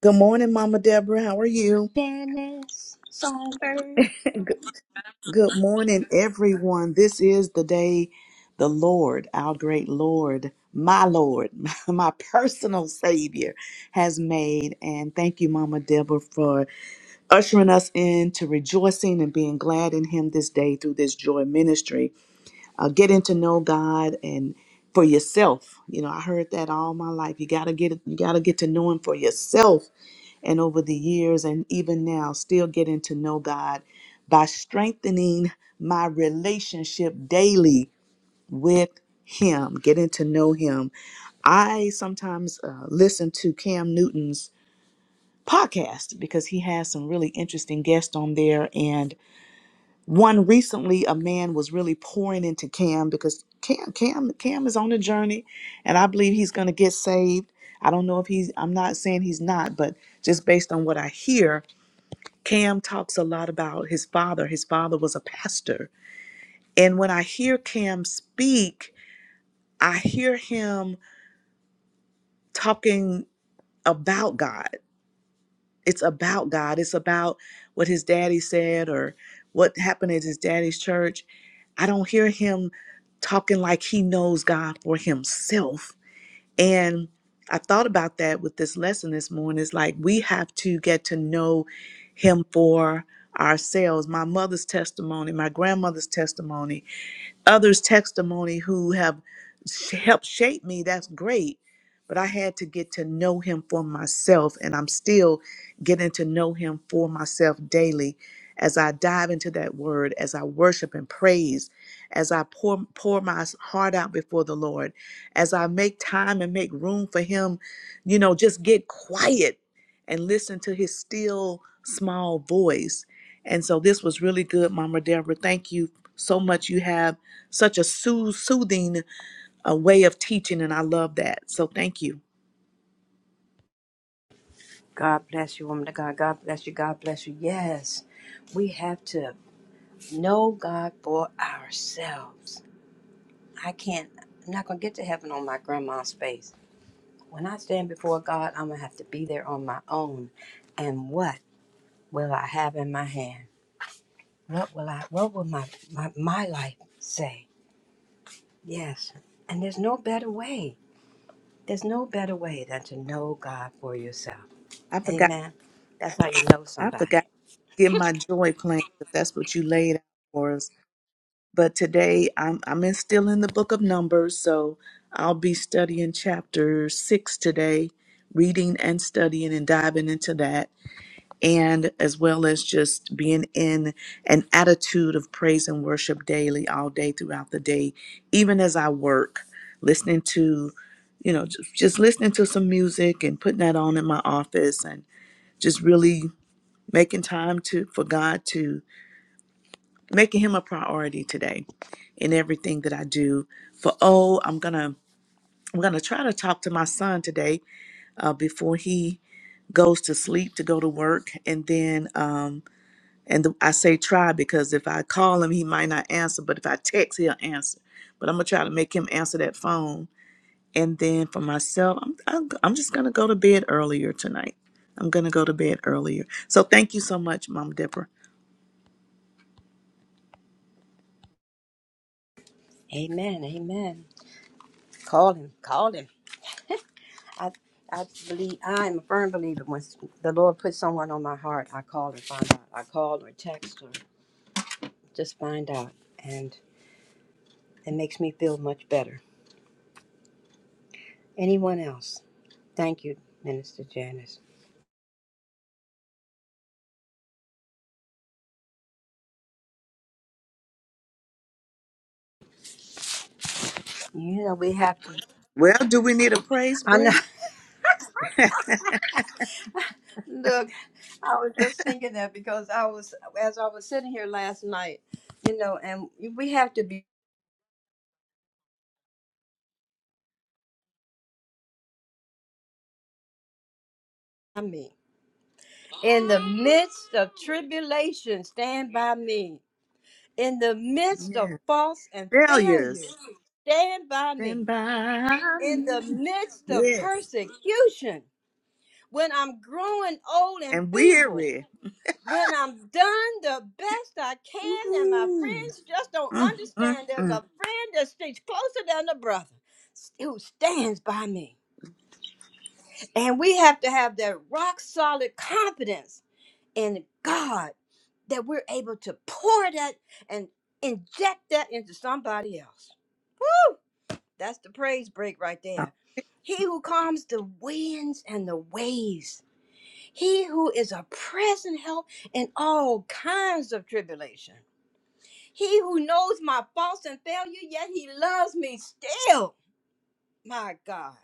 H: Good morning, Mama Deborah. How are you?
F: Dennis Songbird.
H: Good Good morning, everyone. This is the day the Lord, our great Lord, my Lord, my personal Savior, has made. And thank you, Mama Deborah, for ushering us into rejoicing and being glad in Him this day through this joy ministry. Uh, getting to know God and for yourself. You know, I heard that all my life. You gotta get you gotta get to know Him for yourself and over the years and even now still getting to know God by strengthening my relationship daily with him, getting to know him. I sometimes uh, listen to Cam Newton's podcast because he has some really interesting guests on there and one recently a man was really pouring into Cam because Cam Cam Cam is on a journey and I believe he's going to get saved. I don't know if he's I'm not saying he's not, but just based on what I hear, Cam talks a lot about his father. His father was a pastor. And when I hear Cam speak, I hear him talking about God. It's about God. It's about what his daddy said or what happened at his daddy's church. I don't hear him talking like he knows God for himself And I thought about that with this lesson this morning. It's like we have to get to know him for ourselves. My mother's testimony, my grandmother's testimony, others' testimony who have sh- helped shape me, that's great. But I had to get to know him for myself, and I'm still getting to know him for myself daily as I dive into that word, as I worship and praise, as I pour, pour my heart out before the Lord, as I make time and make room for him, you know, just get quiet and listen to his still small voice and so this was really good, Mama Deborah. Thank you so much. You have such a soo- soothing uh, way of teaching, and I love that. So thank you.
F: God bless you, woman of God. God bless you. God bless you. Yes, we have to know God for ourselves. I can't, I'm not going to get to heaven on my grandma's space. When I stand before God, I'm going to have to be there on my own. And what will I have in my hand? What will I, what will my, my, my life say? Yes. And there's no better way. There's no better way than to know God for yourself.
H: I forgot.
F: Amen. That's how you know
H: I forgot
F: somebody.
H: to get my joy plan because that's what you laid out for us. But today I'm I'm in, still in the book of Numbers, so I'll be studying chapter six today, reading and studying and diving into that. and as well as just being in an attitude of praise and worship daily, all day throughout the day, even as I work, listening to, you know, just, just listening to some music and putting that on in my office and just really making time to for God to making him a priority today in everything that I do. For oh, I'm gonna I'm gonna try to talk to my son today uh, before he goes to sleep to go to work, and then. Um, and I say try because if I call him, he might not answer. But if I text, he'll answer. But I'm gonna try to make him answer that phone. And then for myself, I'm I'm, I'm just gonna go to bed earlier tonight. I'm gonna go to bed earlier. So thank you so much, Mom Deborah.
F: Amen. Amen. Call him. Call him. I, I believe, I am a firm believer when the Lord puts someone on my heart, I call and find out. I call or text or just find out. And it makes me feel much better. Anyone else? Thank you, Minister Janice. You know, we have to.
H: Well, do we need a praise
F: I know.
H: break?
F: Look, I was just thinking that because I was, as I was sitting here last night, you know, and we have to be by me. In the midst of tribulation, stand by me. In the midst of
H: yes.
F: faults and failures,
H: Failures.
F: stand by me.
H: Stand by.
F: In
H: me.
F: the midst of
H: Yes.
F: persecution, when I'm growing old and
H: And
F: feeble,
H: weary.
F: when I'm done the best I can, and my
H: Ooh.
F: friends just don't
H: Mm,
F: understand. There's
H: mm,
F: a friend that sticks closer than a brother who stands by me. And we have to have that rock solid confidence in God that we're able to pour that and inject that into somebody else. That's the praise break right there. He who calms the winds and the waves. He who is a present help in all kinds of tribulation. He who knows my faults and failure, yet he loves me still. My God.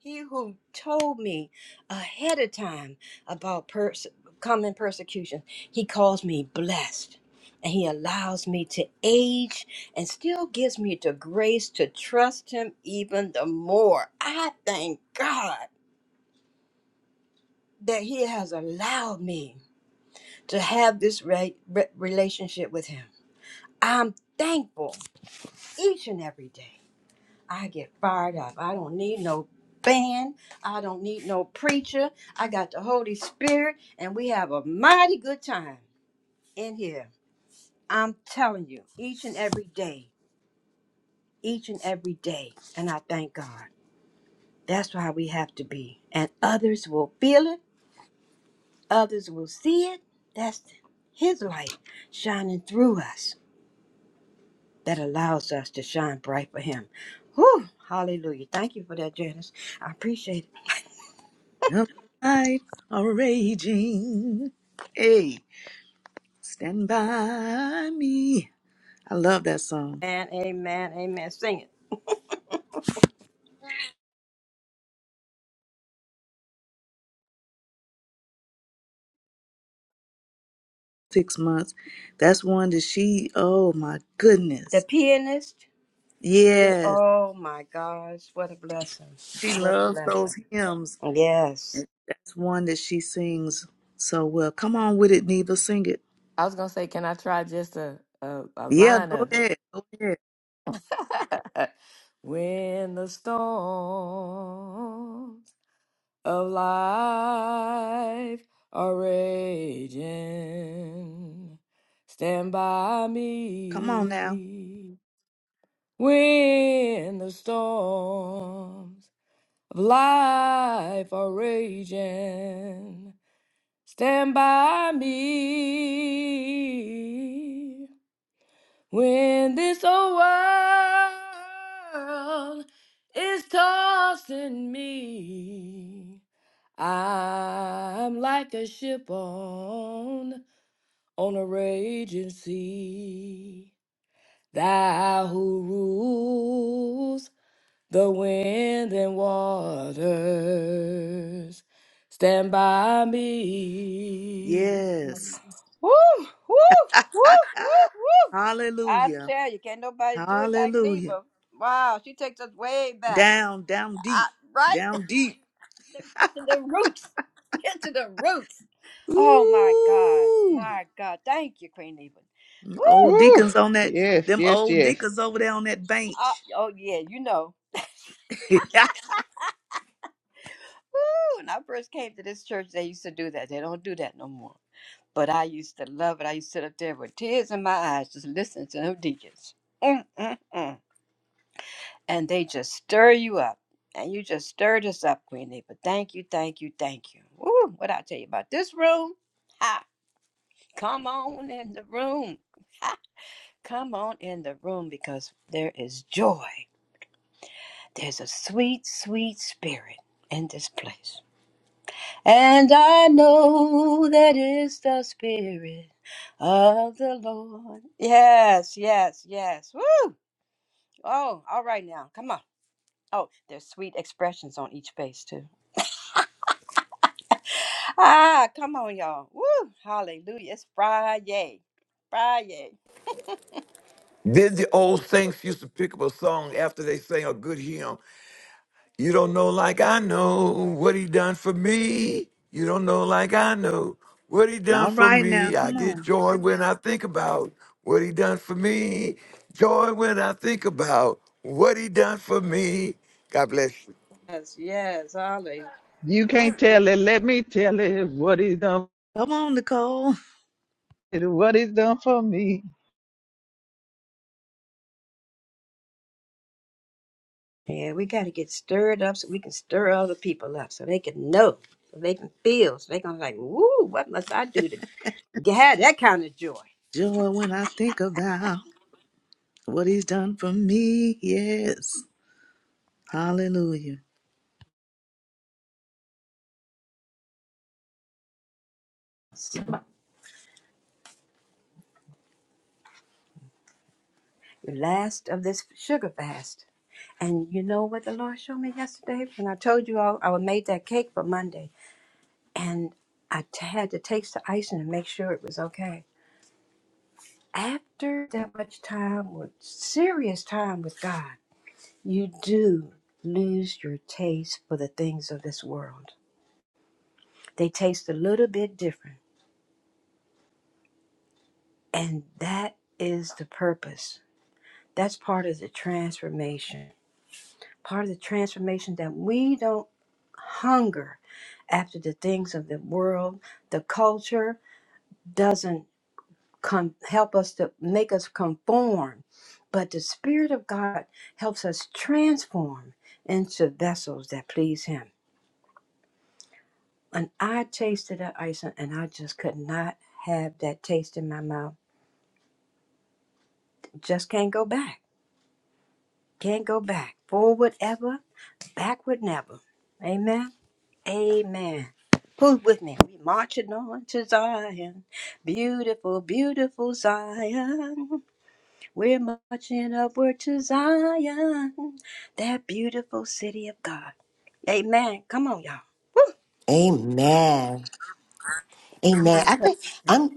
F: He who told me ahead of time about pers- coming persecution, he calls me blessed. And he allows me to age and still gives me the grace to trust him even the more. I thank God that he has allowed me to have this re- re- relationship with him. I'm thankful each and every day. I get fired up. I don't need no band. I don't need no preacher. I got the Holy Spirit, and we have a mighty good time in here. I'm telling you, each and every day, each and every day. And I thank God. That's why we have to be. And others will feel it, others will see it. That's His light shining through us that allows us to shine bright for Him. Whew, hallelujah. Thank you for that, Janice. I appreciate it.
H: mm. Life are raging. Hey. Stand by me. I love that song.
F: Amen, amen, amen. Sing it.
H: Six months. That's one that she, oh my
F: The
H: goodness.
F: pianist. the-
H: Yes,
F: Oh my gosh, what a
H: she,
F: blessing.
H: she
F: What a
H: loves
F: blessing.
H: those hymns.
F: Yes.
H: And that's one that she sings so well. Come on with it, Neva. Sing it.
D: I was going to say, can I try just a, a, a
H: Yeah,
D: line
H: go
D: of it?
H: ahead. Go ahead.
D: when the storms of life are raging, stand by
H: Come on now.
D: me. When the storms of life are raging, Stand by me when this old world is tossing me. I'm like a ship on on a raging sea. Thou who rules the wind and waters, stand by me.
H: Yes.
F: Woo, woo, woo, woo, woo. I
H: Hallelujah.
F: tell you, can't nobody do it like
H: Hallelujah.
F: Neva. Wow, she takes us way back.
H: Down, down
F: I,
H: deep.
F: right?
H: Down deep.
F: Get to the roots. Get to the roots. Oh my God.
H: Ooh.
F: My God. Thank you, Queen Neva.
H: Old
F: Woo!
A: Woo!
H: deacons on that,
A: Yes,
H: them
A: yes,
H: old
A: yes.
H: deacons over there on that
F: Uh,
H: bench.
F: oh yeah, you know. Woo! When I first came to this church, they used to do that. They don't do that no more. But I used to love it. I used to sit up there with tears in my eyes, just listening to them deacons. Mm, mm, mm. And they just stir you up. And you just stirred us up, Queenie. But thank you, thank you, thank you. Woo, what I tell you about this room? Ha! Come on in the room. Ha! Come on in the room because there is joy. There's a sweet, sweet spirit in this place. And I know that is the Spirit of the Lord. Yes, yes, yes. Woo! Oh, all right now. Come on. Oh, there's sweet expressions on each face, too. Ah, come on, y'all. Woo! Hallelujah. It's Friday. Friday.
G: Then the old saints used to pick up a song after they sang a good hymn. You don't know like I know what he done for me. You don't know like I know what he done
H: All
G: for
H: right now,
G: me. I
H: come
G: get
H: on.
G: joy when I think about what he done for me. Joy when I think about what he done for me. God bless you.
F: Yes, yes. Hallelujah.
A: You can't
F: Mm-mm.
A: tell it. Let me tell it what he's done.
H: Come on, Nicole.
A: What he's done for me.
F: Yeah, we got to get stirred up so we can stir other people up so they can know, so they can feel, so they can, like, woo, what must I do to get that kind of joy.
H: Joy when I think about what he's done for me. Yes. Hallelujah.
F: the last of this sugar fast. And you know what the Lord showed me yesterday when I told you all I made that cake for Monday, and I t- had to taste the icing and make sure it was okay. After that much time with serious time with God, you do lose your taste for the things of this world. They taste a little bit different, and that is the purpose. That's part of the transformation part of the transformation that we don't hunger after the things of the world the culture doesn't come help us to make us conform but the spirit of god helps us transform into vessels that please him and i tasted that ice and i just could not have that taste in my mouth just can't go back can't go back forward ever backward never amen Amen. Who's with me? We marching on to Zion. Beautiful, beautiful Zion. We're marching upward to Zion. That beautiful city of God. Amen. Come on, y'all.
E: Amen. Amen. I think I'm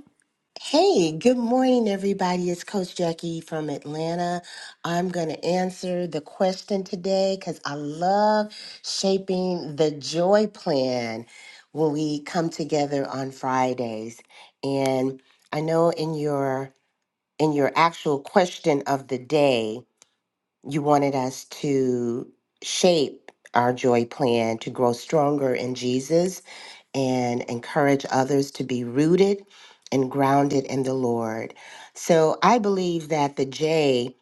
E: Hey, good morning, everybody. It's Coach Jackie from Atlanta. I'm going to answer the question today because I love shaping the joy plan when we come together on Fridays. And I know in your in your actual question of the day, you wanted us to shape our joy plan to grow stronger in Jesus and encourage others to be rooted and grounded in the Lord. So I believe that the J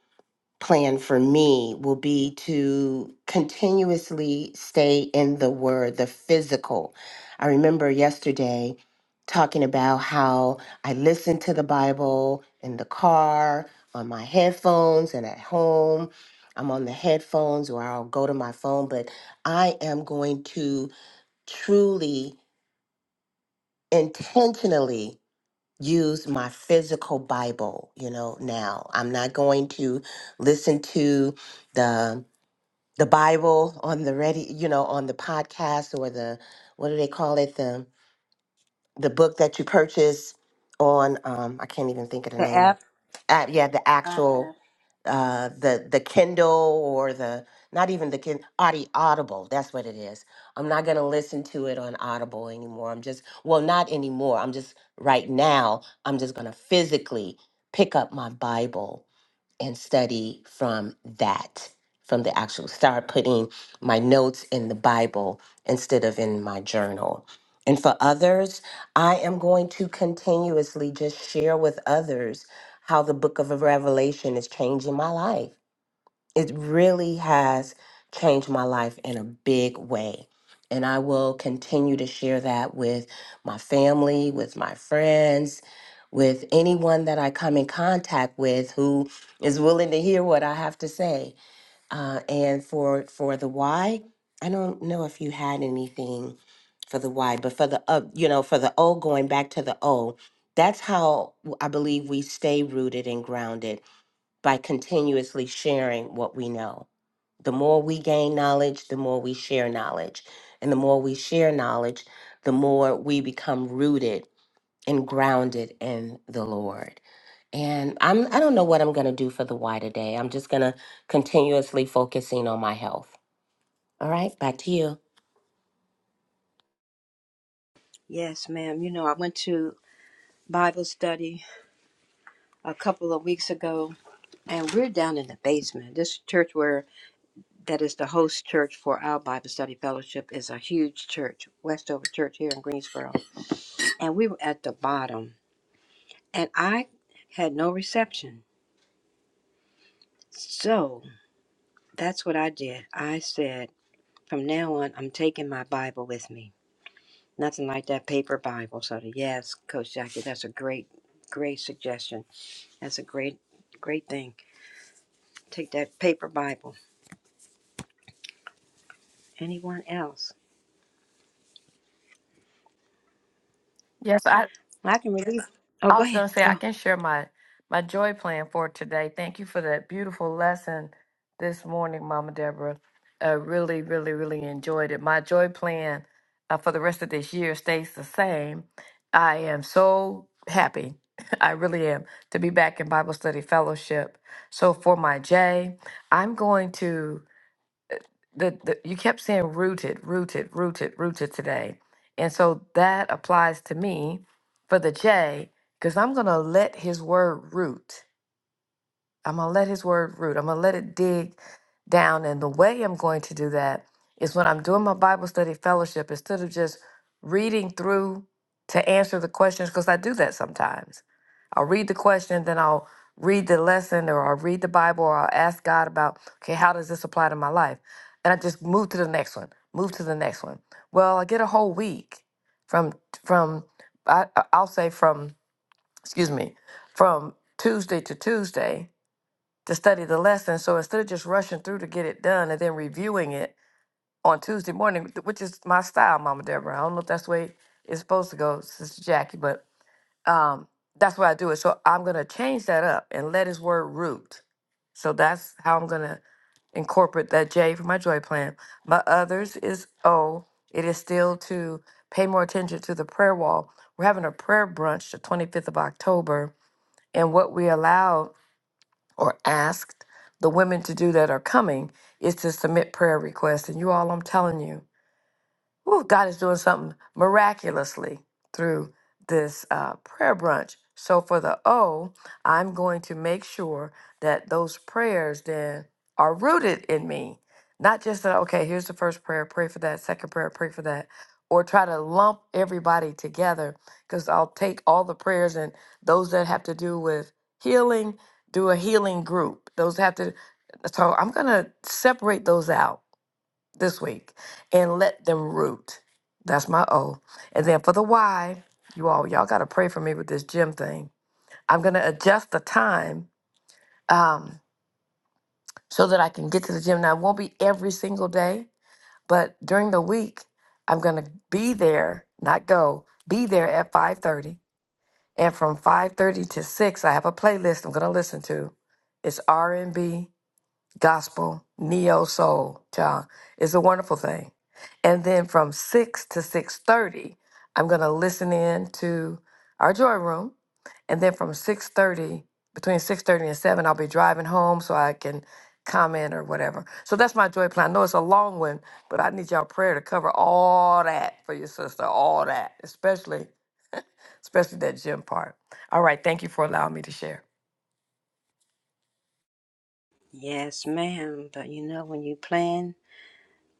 E: plan for me will be to continuously stay in the Word, the physical. I remember yesterday talking about how I listen to the Bible in the car, on my headphones, and at home. I'm on the headphones or I'll go to my phone, but I am going to truly intentionally use my physical Bible, you know, now. I'm not going to listen to the the Bible on the ready, you know, on the podcast or the what do they call it? The the book that you purchase on um I can't even think of the
F: The
E: name of.
F: F.
E: Uh, yeah, the actual uh, the the Kindle or the not even the Kindle Audi Audible. That's what it is. I'm not gonna listen to it on Audible anymore. I'm just well, not anymore. I'm just right now. I'm just gonna physically pick up my Bible and study from that, from the actual start putting my notes in the Bible instead of in my journal. And for others, I am going to continuously just share with others how the book of Revelation is changing my life it really has changed my life in a big way. And I will continue to share that with my family, with my friends, with anyone that I come in contact with who is willing to hear what I have to say. Uh, and for for the why, I don't know if you had anything for the why, but for the uh, you know for the O, going back to the O, that's how I believe we stay rooted and grounded by continuously sharing what we know. The more we gain knowledge, the more we share knowledge. And the more we share knowledge, the more we become rooted and grounded in the Lord. And I'm I don't know what I'm going to do for the why today. I'm just going to continuously focusing on my health. All right, back to you.
F: Yes, ma'am. You know, I went to Bible study a couple of weeks ago, and we're down in the basement. This church where that is the host church for our Bible study fellowship is a huge church, Westover Church here in Greensboro. and we were at the bottom and I had no reception. So that's what I did. I said, from now on, I'm taking my Bible with me. Nothing like that paper Bible. So the, yes, Coach Jackie, that's a great, great suggestion. That's a great, great thing. Take that paper Bible. Anyone else?
D: Yes, I
F: I can release. Oh,
D: I
F: go
D: was
F: ahead.
D: going to say I
F: Go.
D: can share my my joy plan for today. Thank you for that beautiful lesson this morning, Mama Deborah. I really, really, really enjoyed it. My joy plan uh, for the rest of this year stays the same. I am so happy. I really am to be back in Bible study fellowship. So for my J, I'm going to the, the you kept saying rooted, rooted, rooted, rooted today. And so that applies to me for the J, because I'm gonna let his word root. I'm going to let his word root. I'm going to let it dig down. And the way I'm going to do that is when I'm doing my Bible study fellowship, instead of just reading through to answer the questions, because I do that sometimes. I'll read the question, then I'll read the lesson, or I'll read the Bible, or I'll ask God about, okay, how does this apply to my life? And I just move to the next one, move to the next one. Well, I get a whole week from, from I, I'll say from, excuse me, from Tuesday to Tuesday to study the lesson. So instead of just rushing through to get it done and then reviewing it on Tuesday morning, th- which is my style, Mama Deborah. I don't know if that's the way it's supposed to go, Sister Jackie, but um, that's why I do it. So I'm gonna change that up and let his word root. So that's how I'm gonna incorporate that J for my joy plan. My others is O. It is still to pay more attention to the prayer wall. We're having a prayer brunch the 25th of October, and what we allow or asked the women to do that are coming is to submit prayer requests. And you all, I'm telling you, Whew, God is doing something miraculously through this uh, prayer brunch. So for the O, I'm going to make sure that those prayers then are rooted in me. Not just that, okay, here's the first prayer, pray for that, second prayer, pray for that, or try to lump everybody together because I'll take all the prayers and those that have to do with healing, do a healing group. Those that have to, so I'm going to separate those out this week and let them root. That's my O. And then for the Y, you all, y'all got to pray for me with this gym thing. I'm going to adjust the time um, so that I can get to the gym. Now, it won't be every single day, but during the week, I'm going to be there, not go, be there at 5.30. And from 5.30 to 6, I have a playlist I'm going to listen to. It's R&B gospel, neo soul, child. It's a wonderful thing. And then from six to six thirty, I'm gonna listen in to our joy room. And then from six thirty, between six thirty and seven, I'll be driving home so I can comment or whatever. So that's my joy plan. I know it's a long one, but I need y'all prayer to cover all that for your sister, all that, especially especially that gym part. All right, thank you for allowing me to share.
F: Yes, ma'am. But you know, when you plan,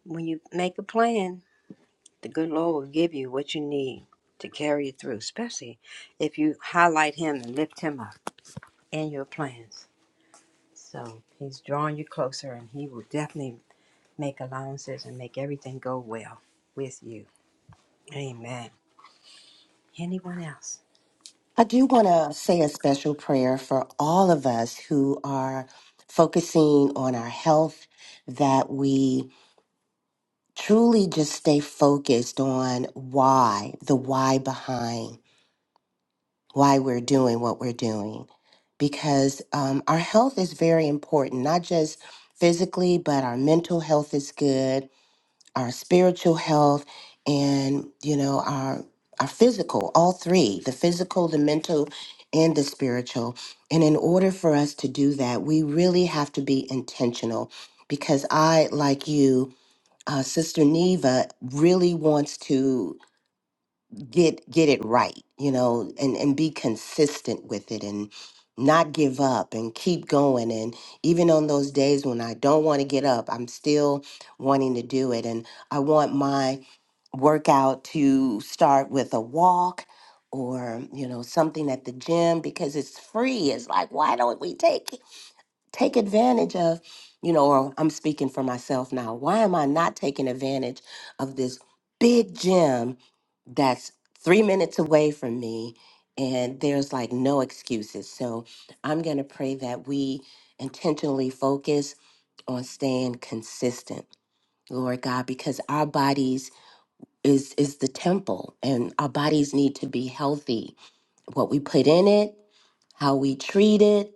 F: when you make a plan, The good Lord will give you what you need to carry you through, especially if you highlight Him and lift Him up in your plans. So He's drawing you closer, and He will definitely make allowances and make everything go well with you. Amen. Anyone else?
E: I do want to say a special prayer for all of us who are focusing on our health, that we truly just stay focused on why, the why behind why we're doing what we're doing. Because um, our health is very important, not just physically, but our mental health is good, our spiritual health, and you know, our our physical, all three, the physical, the mental, and the spiritual. And in order for us to do that, we really have to be intentional because I, like you, uh, Sister Neva really wants to get get it right, you know, and and be consistent with it and not give up and keep going and even on those days when I don't want to get up, I'm still wanting to do it and I want my workout to start with a walk or you know something at the gym because it's free it's like why don't we take take advantage of, you know, or I'm speaking for myself now. Why am I not taking advantage of this big gym that's three minutes away from me? And there's like no excuses. So I'm going to pray that we intentionally focus on staying consistent. Lord God, because our bodies is is the temple and our bodies need to be healthy. What we put in it how we treat it,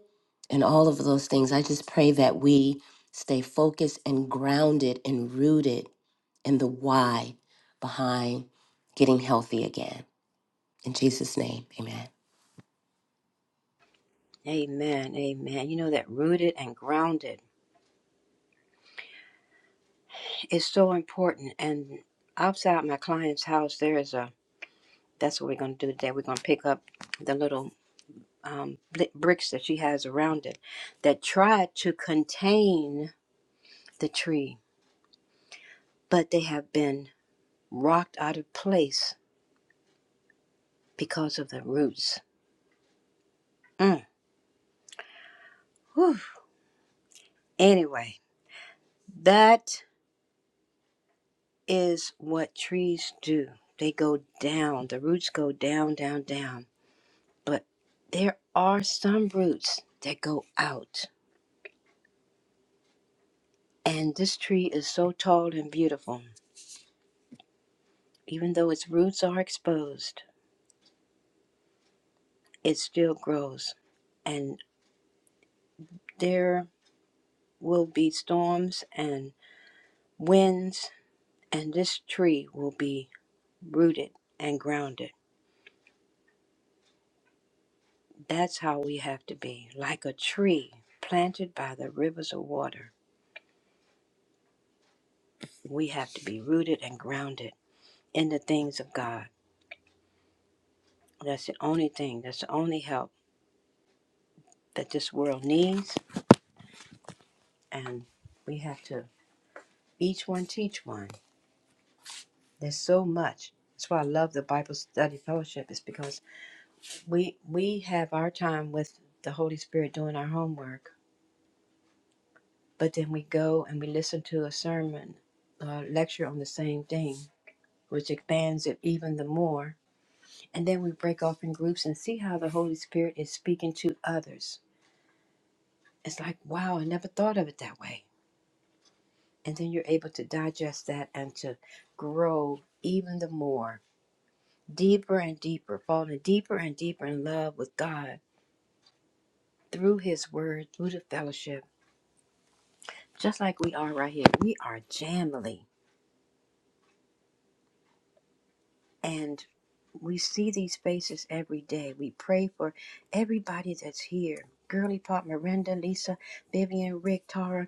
E: and all of those things. I just pray that we stay focused and grounded and rooted in the why behind getting healthy again. In Jesus' name, amen.
F: Amen. Amen. You know that rooted and grounded is so important. And outside my client's house, there is a that's what we're going to do today. We're going to pick up the little um, bl- bricks that she has around it that try to contain the tree, but they have been rocked out of place because of the roots. Mm. Whew. Anyway, that is what trees do. They go down, the roots go down, down, down. But there are some roots that go out. And this tree is so tall and beautiful. Even though its roots are exposed, it still grows. and. There will be storms and winds, and this tree will be rooted and grounded. That's how we have to be like a tree planted by the rivers of water. We have to be rooted and grounded in the things of God. That's the only thing, that's the only help that this world needs. And we have to each one teach one. There's so much. That's why I love the Bible study fellowship, is because we we have our time with the Holy Spirit doing our homework, but then we go and we listen to a sermon, a lecture on the same thing, which expands it even the more. And then we break off in groups and see how the Holy Spirit is speaking to others. It's like, wow, I never thought of it that way. And then you're able to digest that and to grow even the more, deeper and deeper, falling deeper and deeper in love with God through His Word, through the fellowship just like we are right here. We are Jamily, and we see these faces every day. We pray for everybody that's here. Girly Pop, Miranda, Lisa, Vivian, Rick, Tara,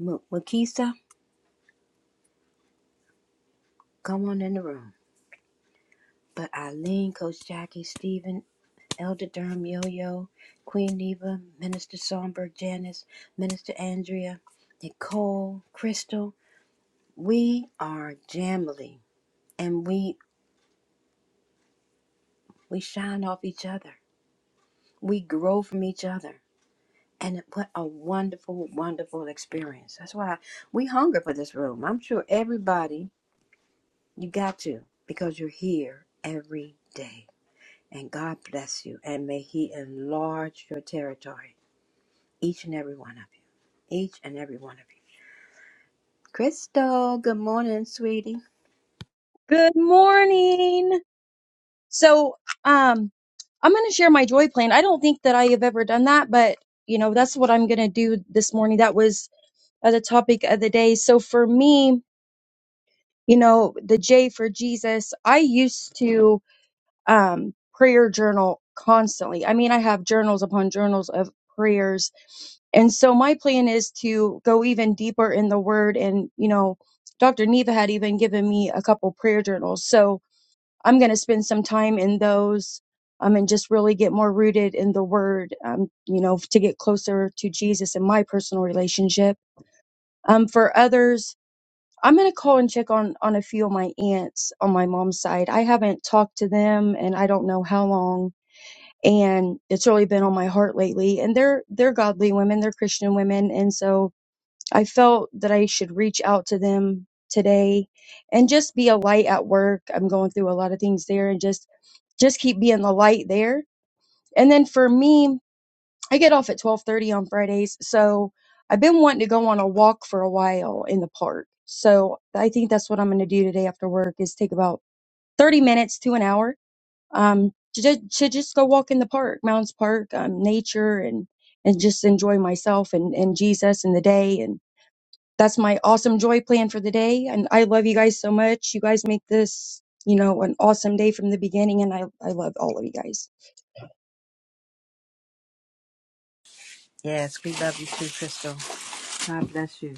F: M- Makisa, come on in the room. But Eileen, Coach Jackie, Stephen, Elder Durham, Yo Yo, Queen Neva, Minister Sonberg, Janice, Minister Andrea, Nicole, Crystal. We are Jamily, and we we shine off each other we grow from each other. And what a wonderful, wonderful experience. That's why we hunger for this room. I'm sure everybody, you got to, because you're here every day. And God bless you. And may He enlarge your territory, each and every one of you. Each and every one of you. Crystal, good morning, sweetie.
I: Good morning. So, um, I'm going to share my joy plan. I don't think that I have ever done that, but you know, that's what I'm going to do this morning. That was uh, the topic of the day. So for me, you know, the J for Jesus, I used to, um, prayer journal constantly. I mean, I have journals upon journals of prayers. And so my plan is to go even deeper in the word and, you know, Dr. Neva had even given me a couple prayer journals. So, I'm going to spend some time in those um, and just really get more rooted in the word, um, you know, to get closer to Jesus in my personal relationship. Um, for others, I'm going to call and check on, on a few of my aunts on my mom's side. I haven't talked to them and I don't know how long. And it's really been on my heart lately. And they're, they're godly women. They're Christian women. And so, I felt that I should reach out to them today and just be a light at work. I'm going through a lot of things there and just just keep being the light there. And then for me, I get off at 12:30 on Fridays, so I've been wanting to go on a walk for a while in the park. So I think that's what I'm going to do today after work is take about 30 minutes to an hour um to, ju- to just go walk in the park, Mounds Park, um, nature and and just enjoy myself and and Jesus and the day and that's my awesome joy plan for the day. And I love you guys so much. You guys make this, you know, an awesome day from the beginning. And I, I love all of you guys.
F: Yes, we love you too, Crystal. God bless you.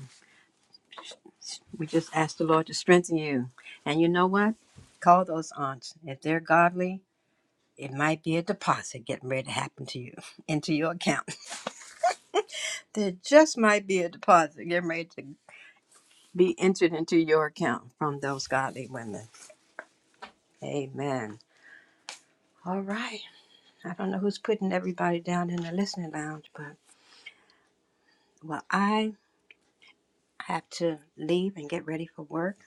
F: We just ask the Lord to strengthen you. And you know what? Call those aunts. If they're godly, It might be a deposit getting ready to happen to you into your account. There just might be a deposit getting ready to be entered into your account from those godly women. Amen. All right. I don't know who's putting everybody down in the listening lounge, but well, I have to leave and get ready for work.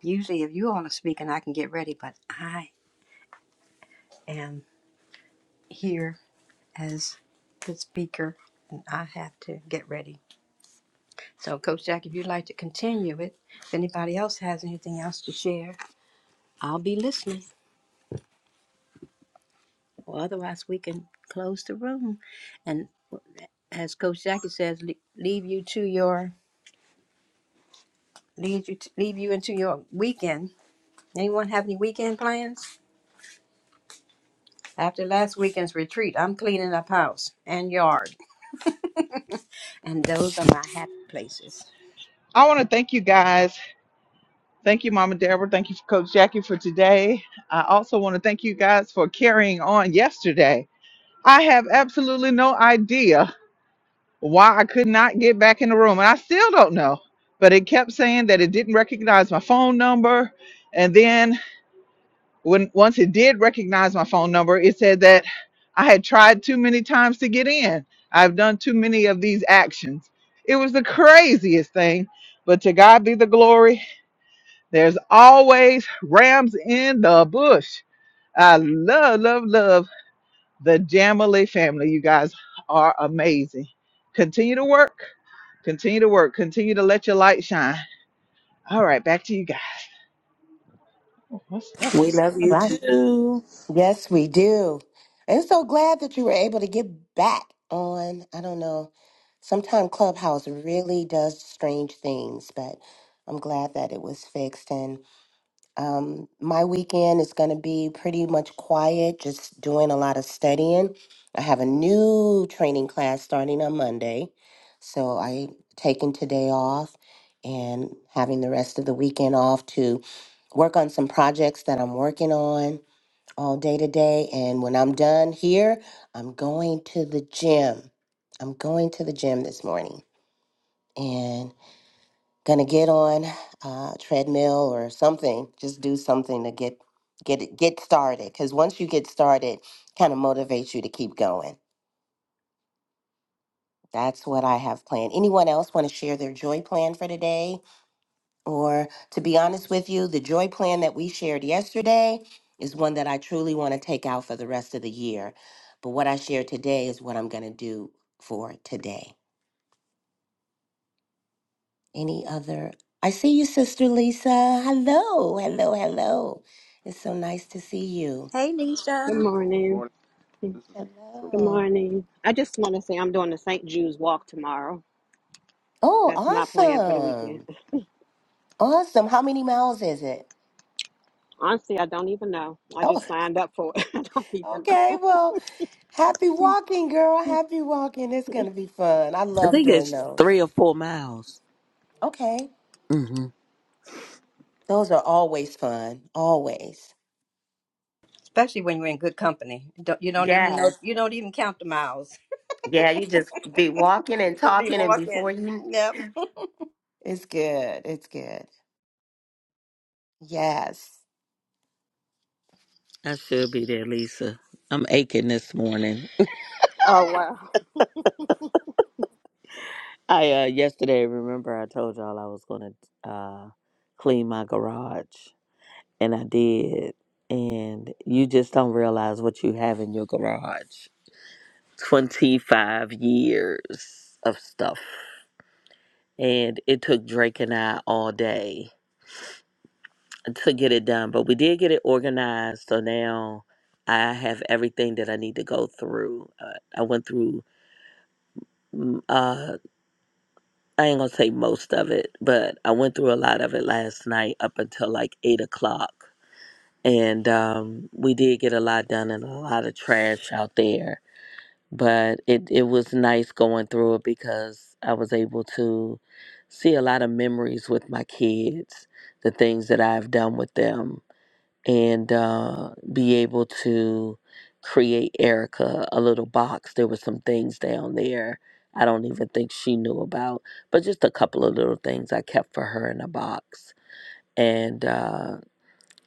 F: Usually, if you all are speaking, I can get ready, but I am here as the speaker and I have to get ready. So, Coach Jack, if you'd like to continue it, if anybody else has anything else to share, I'll be listening. Or otherwise, we can close the room. And as Coach Jackie says, le- leave you to your lead you to, leave you into your weekend. Anyone have any weekend plans? After last weekend's retreat, I'm cleaning up house and yard, and those are my happy places.
A: I want to thank you guys. Thank you, Mama Deborah. Thank you, Coach Jackie, for today. I also want to thank you guys for carrying on yesterday. I have absolutely no idea why I could not get back in the room. And I still don't know. But it kept saying that it didn't recognize my phone number. And then when once it did recognize my phone number, it said that I had tried too many times to get in. I've done too many of these actions. It was the craziest thing. But to God be the glory. There's always rams in the bush. I love, love, love the Jamily family, you guys are amazing. Continue to work. Continue to work. Continue to let your light shine. All right, back to you guys. What's that?
J: We love
E: All
J: you
E: right.
J: too.
E: Yes, we do. And so glad that you were able to get back on. I don't know. Sometimes Clubhouse really does strange things, but I'm glad that it was fixed. and. Um, my weekend is going to be pretty much quiet, just doing a lot of studying. I have a new training class starting on Monday, so I taking today off and having the rest of the weekend off to work on some projects that I'm working on all day today. And when I'm done here, I'm going to the gym. I'm going to the gym this morning gonna get on a treadmill or something just do something to get get it- get started because once you get started kind of motivates you to keep going that's what i have planned anyone else want to share their joy plan for today or to be honest with you the joy plan that we shared yesterday is one that i truly want to take out for the rest of the year but what i share today is what i'm going to do for today Any other? I see you, Sister Lisa. Hello, hello, hello. It's so nice to see you.
F: Hey, Lisa.
K: Good
L: Good
K: morning.
L: Morning. This is from
K: Good
L: good
E: Hello.
K: morning. I just want to say I'm doing the St. Jude's walk tomorrow.
E: Oh,
K: That's my plan for the weekend.
E: awesome. Awesome. How many miles is it?
K: Honestly, I don't even know. I
E: Oh,
K: just signed up for it. I don't even know.
E: okay. Well, happy walking, girl. Happy walking. It's going to be fun. I
J: I
E: love
J: think
E: doing
J: it's
E: those.
J: three or four miles.
E: Okay.
J: hmm
E: Those are always fun. Always.
F: Especially when you're in good company, don't, you don't even know
E: Yes.
F: you don't even count the miles.
E: Yeah, you just be walking and
F: Just be
E: talking, and before
F: walking.
E: you.
F: Yep.
E: It's good. It's good. Yes.
J: I should be there, Lisa. I'm aching this morning.
K: Oh, wow.
J: I uh yesterday remember I told y'all I was gonna uh clean my garage and I did. And you just don't realize what you have in your garage. Twenty five years of stuff. And it took Drake and I all day to get it done, but we did get it organized. So now I have everything that I need to go through. Uh, I went through, mm, uh, I ain't gonna say most of it, but I went through a lot of it last night up until like eight o'clock. And um, we did get a lot done and a lot of trash out there. But it, it was nice going through it because I was able to see a lot of memories with my kids, the things that I've done with them and uh, be able to create Erica a little box. There were some things down there I don't even think she knew about, but just a couple of little things I kept for her in a box. And uh,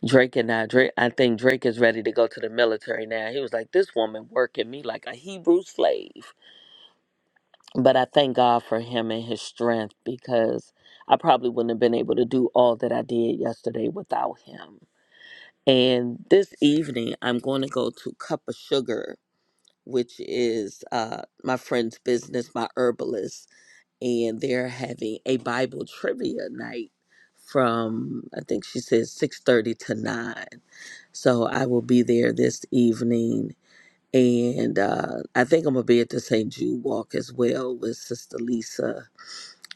J: Drake and I, Drake, I think Drake is ready to go to the military now. He was like, "This woman working me like a Hebrew slave," but I thank God for him and his strength because I probably wouldn't have been able to do all that I did yesterday without him and this evening, I'm going to go to Cup of Sugar, which is uh, my friend's business, my herbalist, and they're having a Bible trivia night from I think she says six thirty to nine. So I will be there this evening, and uh, I think I'm gonna be at the St. Jude Walk as well with Sister Lisa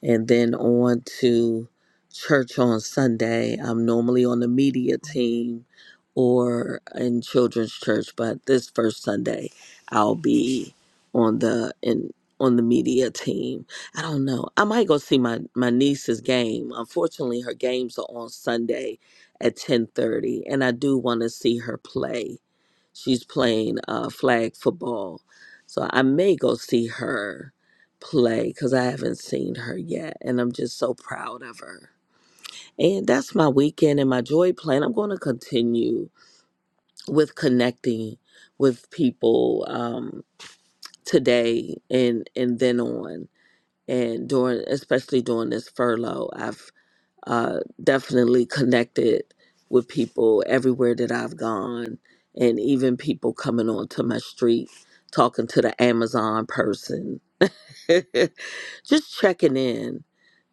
J: and then on to church on Sunday. I'm normally on the media team or in children's church, but this first Sunday I'll be on the in on the media team. I don't know. I might go see my my niece's game. Unfortunately, her games are on Sunday at 10:30 and I do want to see her play. She's playing uh flag football. So I may go see her play because I haven't seen her yet, and I'm just so proud of her. And that's my weekend and my joy plan. I'm going to continue with connecting with people um, today and and then on, and during especially during this furlough, I've uh, definitely connected with people everywhere that I've gone, and even people coming onto my street, talking to the Amazon person just checking in,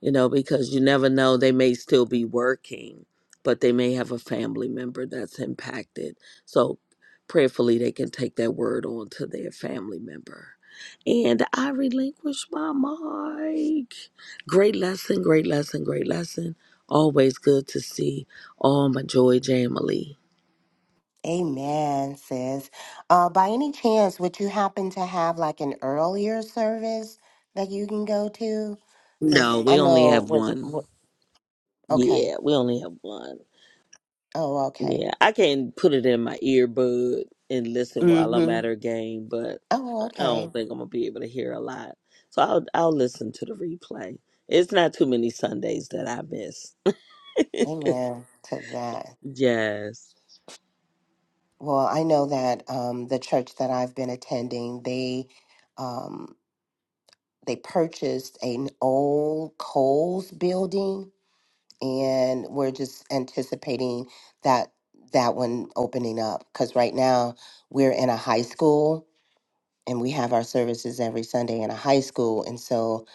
J: you know, because you never know. They may still be working, but they may have a family member that's impacted. So prayerfully, they can take that word on to their family member. And I relinquish my mic. Great lesson, great lesson, great lesson. Always good to see all my Joy Jamily.
E: Amen, sis. Uh, by any chance, would you happen to have like an earlier service that you can go to? Because
J: No,
E: I
J: we only
E: know
J: have
E: was
J: one.
E: okay.
J: Yeah, we only have one.
E: Oh, okay.
J: Yeah, I can put it in my earbud and listen while I'm
E: Mm-hmm.
J: at her game, but
E: Oh,
J: I
E: okay.
J: don't think I'm gonna be able to hear a lot. So I'll I'll listen to the replay. It's not too many Sundays that I miss.
E: Amen to that.
J: yes.
E: Well, I know that um, the church that I've been attending, they um, they purchased an old Coles building and we're just anticipating that that one opening up because right now we're in a high school and we have our services every Sunday in a high school, and so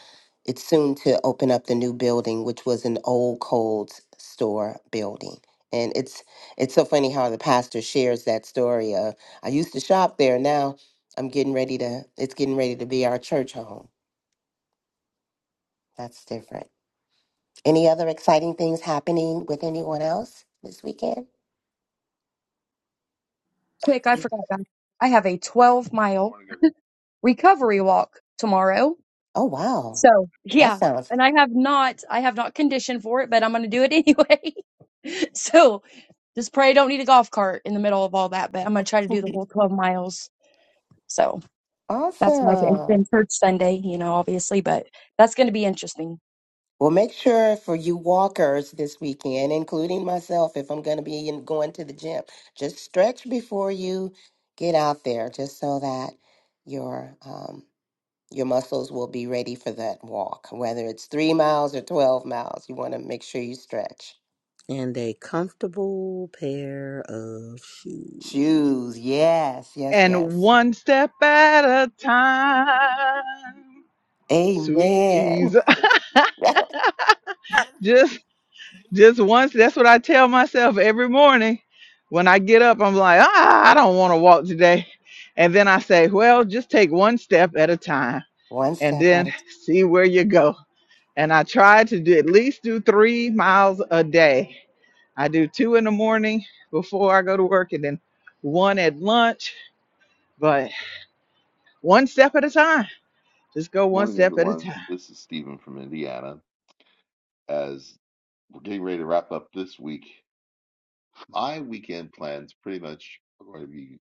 E: it's soon to open up the new building, which was an old Coles store building. And it's it's so funny how the pastor shares that story of I used to shop there, now I'm getting ready to it's getting ready to be our church home. That's different. Any other exciting things happening with anyone else this weekend?
I: Quick, I forgot. guys. I have a 12 mile
L: morning everyone.
I: recovery walk tomorrow.
E: Oh, wow.
I: So
E: That
I: yeah,
E: sounds
I: and I have not, I have not conditioned for it, but I'm going to do it anyway. so just pray I don't need a golf cart in the middle of all that, but I'm going to try to do the whole 12 miles. So that's my and
E: awesome.
I: church Sunday, you know, obviously, but that's going to be interesting.
E: Well, make sure for you walkers this weekend, including myself, if I'm going to be in, going to the gym, just stretch before you get out there, just so that your um, your muscles will be ready for that walk, whether it's three miles or 12 miles. You want to make sure you stretch.
J: And a comfortable pair of shoes.
E: Choose. Yes, yes,
A: And
E: yes.
A: one step at a time. Sweet
E: Amen.
A: Jesus. just just once that's what I tell myself every morning. When I get up, I'm like, ah, I don't want to walk today. And then I say, well, just take one step at a time
E: One
A: and
E: step at a
A: then see where you go. and I try to do at least do three miles a day. I do two in the morning before I go to work and then one at lunch, but one step at a time. Just go one
L: Morning
A: step at a
L: everyone.
A: time.
L: This is Stephen from Indiana. As we're getting ready to wrap up this week, my weekend plans pretty much are going to be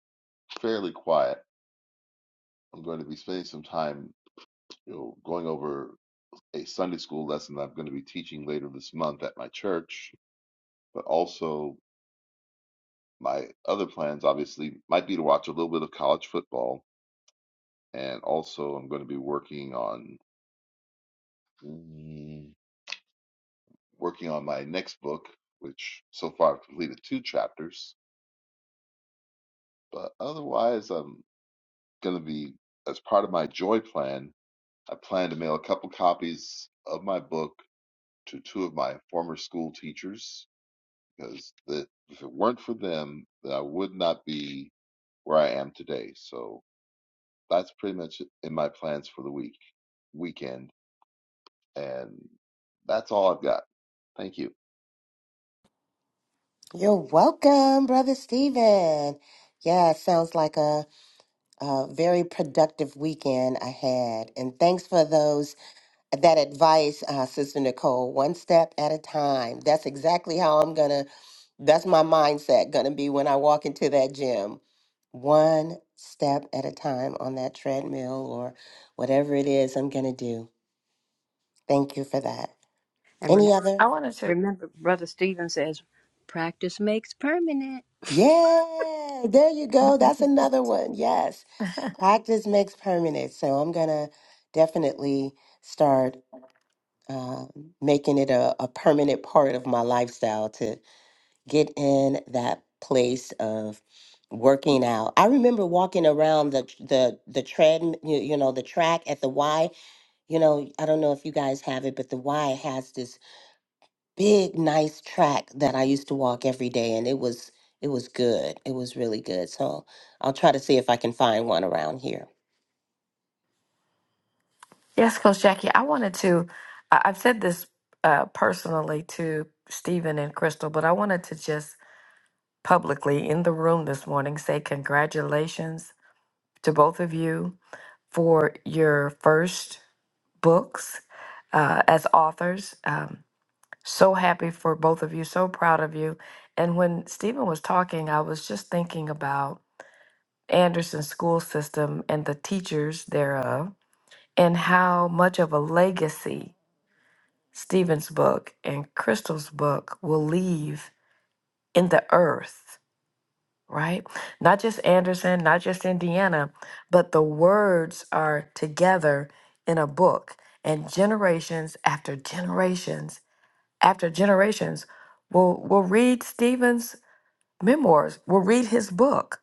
L: fairly quiet. I'm going to be spending some time, you know, going over a Sunday school lesson that I'm going to be teaching later this month at my church. But also my other plans obviously might be to watch a little bit of college football and also I'm going to be working on working on my next book, which so far I've completed two chapters. But otherwise, I'm going to be, as part of my joy plan, I plan to mail a couple copies of my book to two of my former school teachers because the, if it weren't for them, then I would not be where I am today. So that's pretty much in my plans for the week, weekend. And that's all I've got. Thank you.
E: You're welcome, Brother Stephen. Yeah, it sounds like a, a very productive weekend I had. And thanks for those that advice, uh, Sister Nicole, one step at a time. That's exactly how I'm gonna, that's my mindset gonna be when I walk into that gym. One step at a time on that treadmill or whatever it is I'm gonna do. Thank you for that.
F: And
E: Any other?
D: I wanted to.
F: Remember, Brother Stephen says, practice makes permanent.
E: Yeah, there you go. That's another one. Yes. Practice makes permanent. So I'm going to definitely start uh, making it a, a permanent part of my lifestyle to get in that place of working out. I remember walking around the the the tread, you, you know, the track at the Y. You know, I don't know if you guys have it, but the Y has this big nice track that I used to walk every day and it was it was good. It was really good. So I'll try to see if I can find one around here.
D: Yes, Coach Jackie, I wanted to. I- I've said this uh, personally to Stephen and Crystal, but I wanted to just publicly in the room this morning say congratulations to both of you for your first books uh, as authors. Um, so happy for both of you, so proud of you. And when Stephen was talking, I was just thinking about Anderson school system and the teachers thereof, and how much of a legacy Stephen's book and Crystal's book will leave in the earth, right? Not just Anderson, not just Indiana, but the words are together in a book, and generations after generations after generations will will read Stephen's memoirs, will read his book,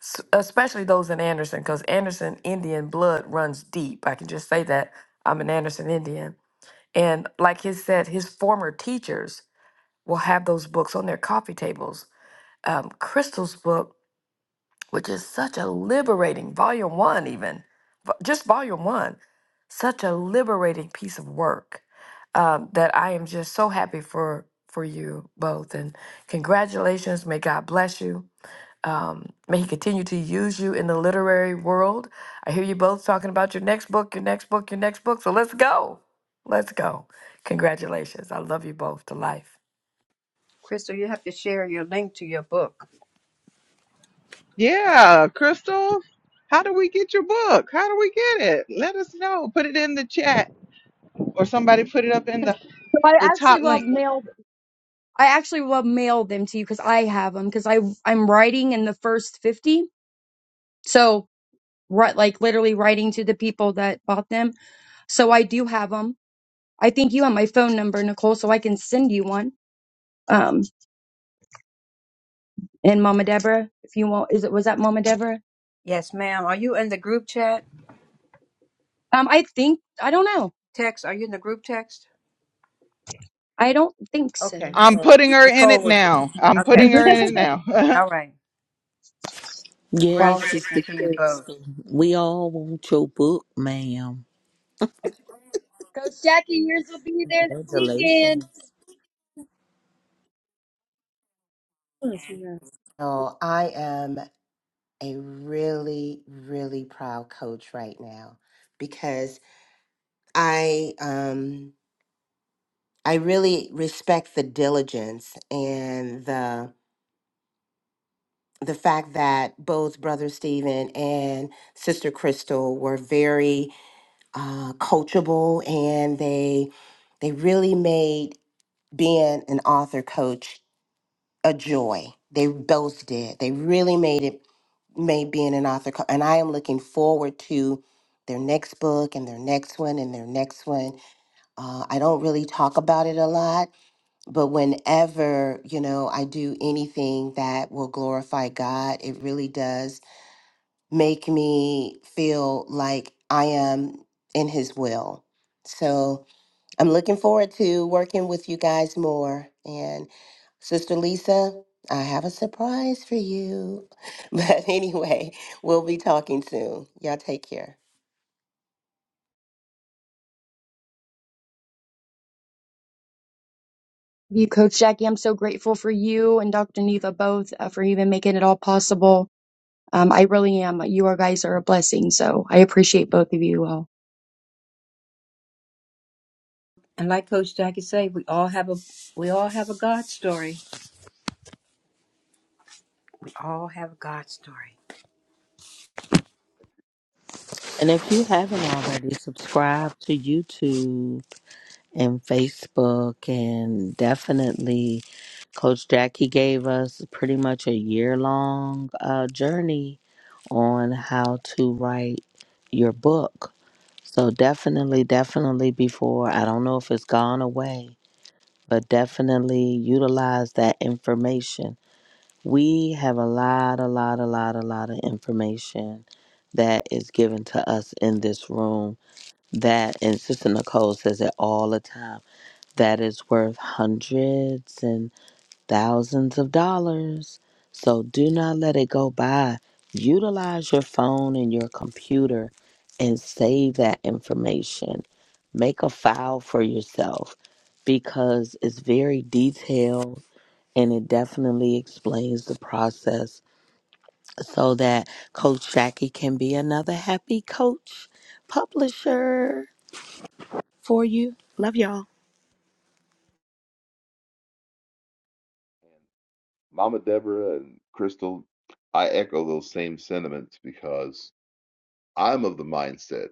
D: s- especially those in Anderson, because Anderson Indian blood runs deep. I can just say that I'm an Anderson Indian, and like he said, his former teachers. will have those books on their coffee tables. Um, Crystal's book, which is such a liberating volume one, even vo- just volume one, such a liberating piece of work um, that I am just so happy for for you both. And congratulations! May God bless you. Um, may He continue to use you in the literary world. I hear you both talking about your next book, your next book, your next book. So let's go. Let's go. Congratulations. I love you both to life.
F: Crystal, you have to share your link to your book.
A: Yeah, Crystal, how do we get your book? How do we get it? Let us know. Put it in the chat or somebody put it up in the,
I: So I
A: the
I: actually
A: top
I: will
A: link.
I: mail, I actually will mail them to you because I have them because I I'm writing in the first 50. So right, like literally writing to the people that bought them. So I do have them. I think you have my phone number, Nicole, so I can send you one. Um, and Mama Deborah, if you want, is it was that Mama Deborah?
F: Yes, ma'am. Are you in the group chat?
I: Um, I think I don't know.
F: Text? Are you in the group text?
I: I don't think so.
F: Okay.
A: I'm
F: Well,
A: putting her in it
F: Nicole was.
A: now. I'm
F: Okay.
A: putting her in it now.
F: All right.
J: Yes, Sister
F: Congratulations to you both.
J: Kirsten. We all want your book, ma'am.
I: Coach Jackie, yours will be there this weekend.
J: Congratulations.
E: Oh, I am a really really proud coach right now because I um I really respect the diligence and the the fact that both brother Stephen and sister Crystal were very uh, coachable and they they really made being an author coach a joy they both did they really made it made being an author co- and i am looking forward to their next book and their next one and their next one uh, i don't really talk about it a lot but whenever you know i do anything that will glorify god it really does make me feel like i am in his will so I'm looking forward to working with you guys more. And Sister Lisa, I have a surprise for you. But anyway, we'll be talking soon. Y'all take care.
I: You, Coach Jackie, I'm so grateful for you and Dr. Neva both uh, for even making it all possible. Um, I really am. You are guys are a blessing, so I appreciate both of you all.
F: And like Coach Jackie say, we all have a we all have a God story. We all have a God story.
J: And if you haven't already, subscribe to YouTube. and Facebook, and definitely Coach Jackie gave us pretty much a year long uh, journey on how to write your book. So, definitely, definitely before, I don't know if it's gone away, but definitely utilize that information. We have a lot, a lot, a lot, a lot of information that is given to us in this room. That, and Sister Nicole says it all the time that is worth hundreds and thousands of dollars. So do not let it go by. Utilize your phone and your computer and save that information. Make a file for yourself because it's very detailed and it definitely explains the process so that Coach Jackie can be another happy coach publisher for you. Love y'all.
L: Mama Deborah and Crystal, I echo those same sentiments because I'm of the mindset,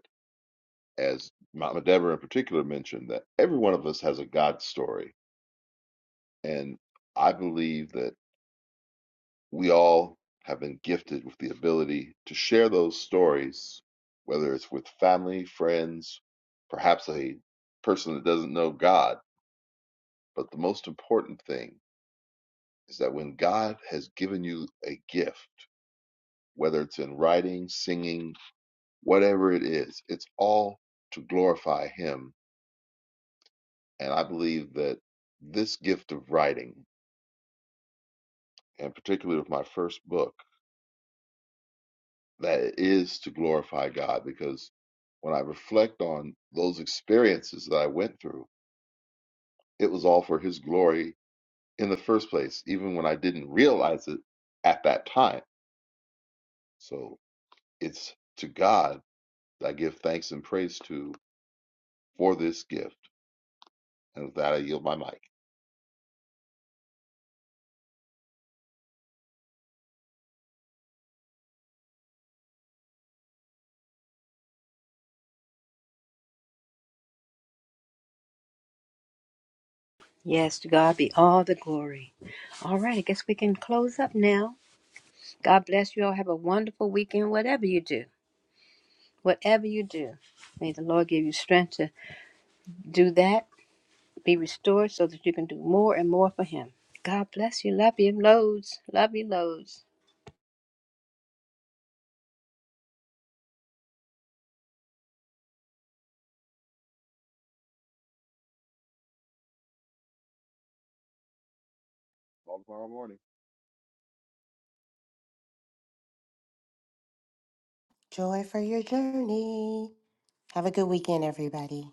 L: as Mama Deborah in particular mentioned, that every one of us has a God story. And I believe that we all have been gifted with the ability to share those stories, whether it's with family, friends, perhaps a person that doesn't know God. But the most important thing is that when God has given you a gift, whether it's in writing, singing, whatever it is, it's all to glorify Him. And I believe that this gift of writing, and particularly with my first book, that it is to glorify God because when I reflect on those experiences that I went through, it was all for His glory in the first place, even when I didn't realize it at that time. So it's to God that I give thanks and praise to for this gift. And with that, I yield my mic.
F: Yes, to God be all the glory. All right, I guess we can close up now. God bless you all. Have a wonderful weekend, whatever you do. Whatever you do, may the Lord give you strength to do that, be restored so that you can do more and more for Him. God bless you. Love you loads. Love you loads.
L: Call tomorrow morning.
E: Joy for your journey. Have a good weekend, everybody.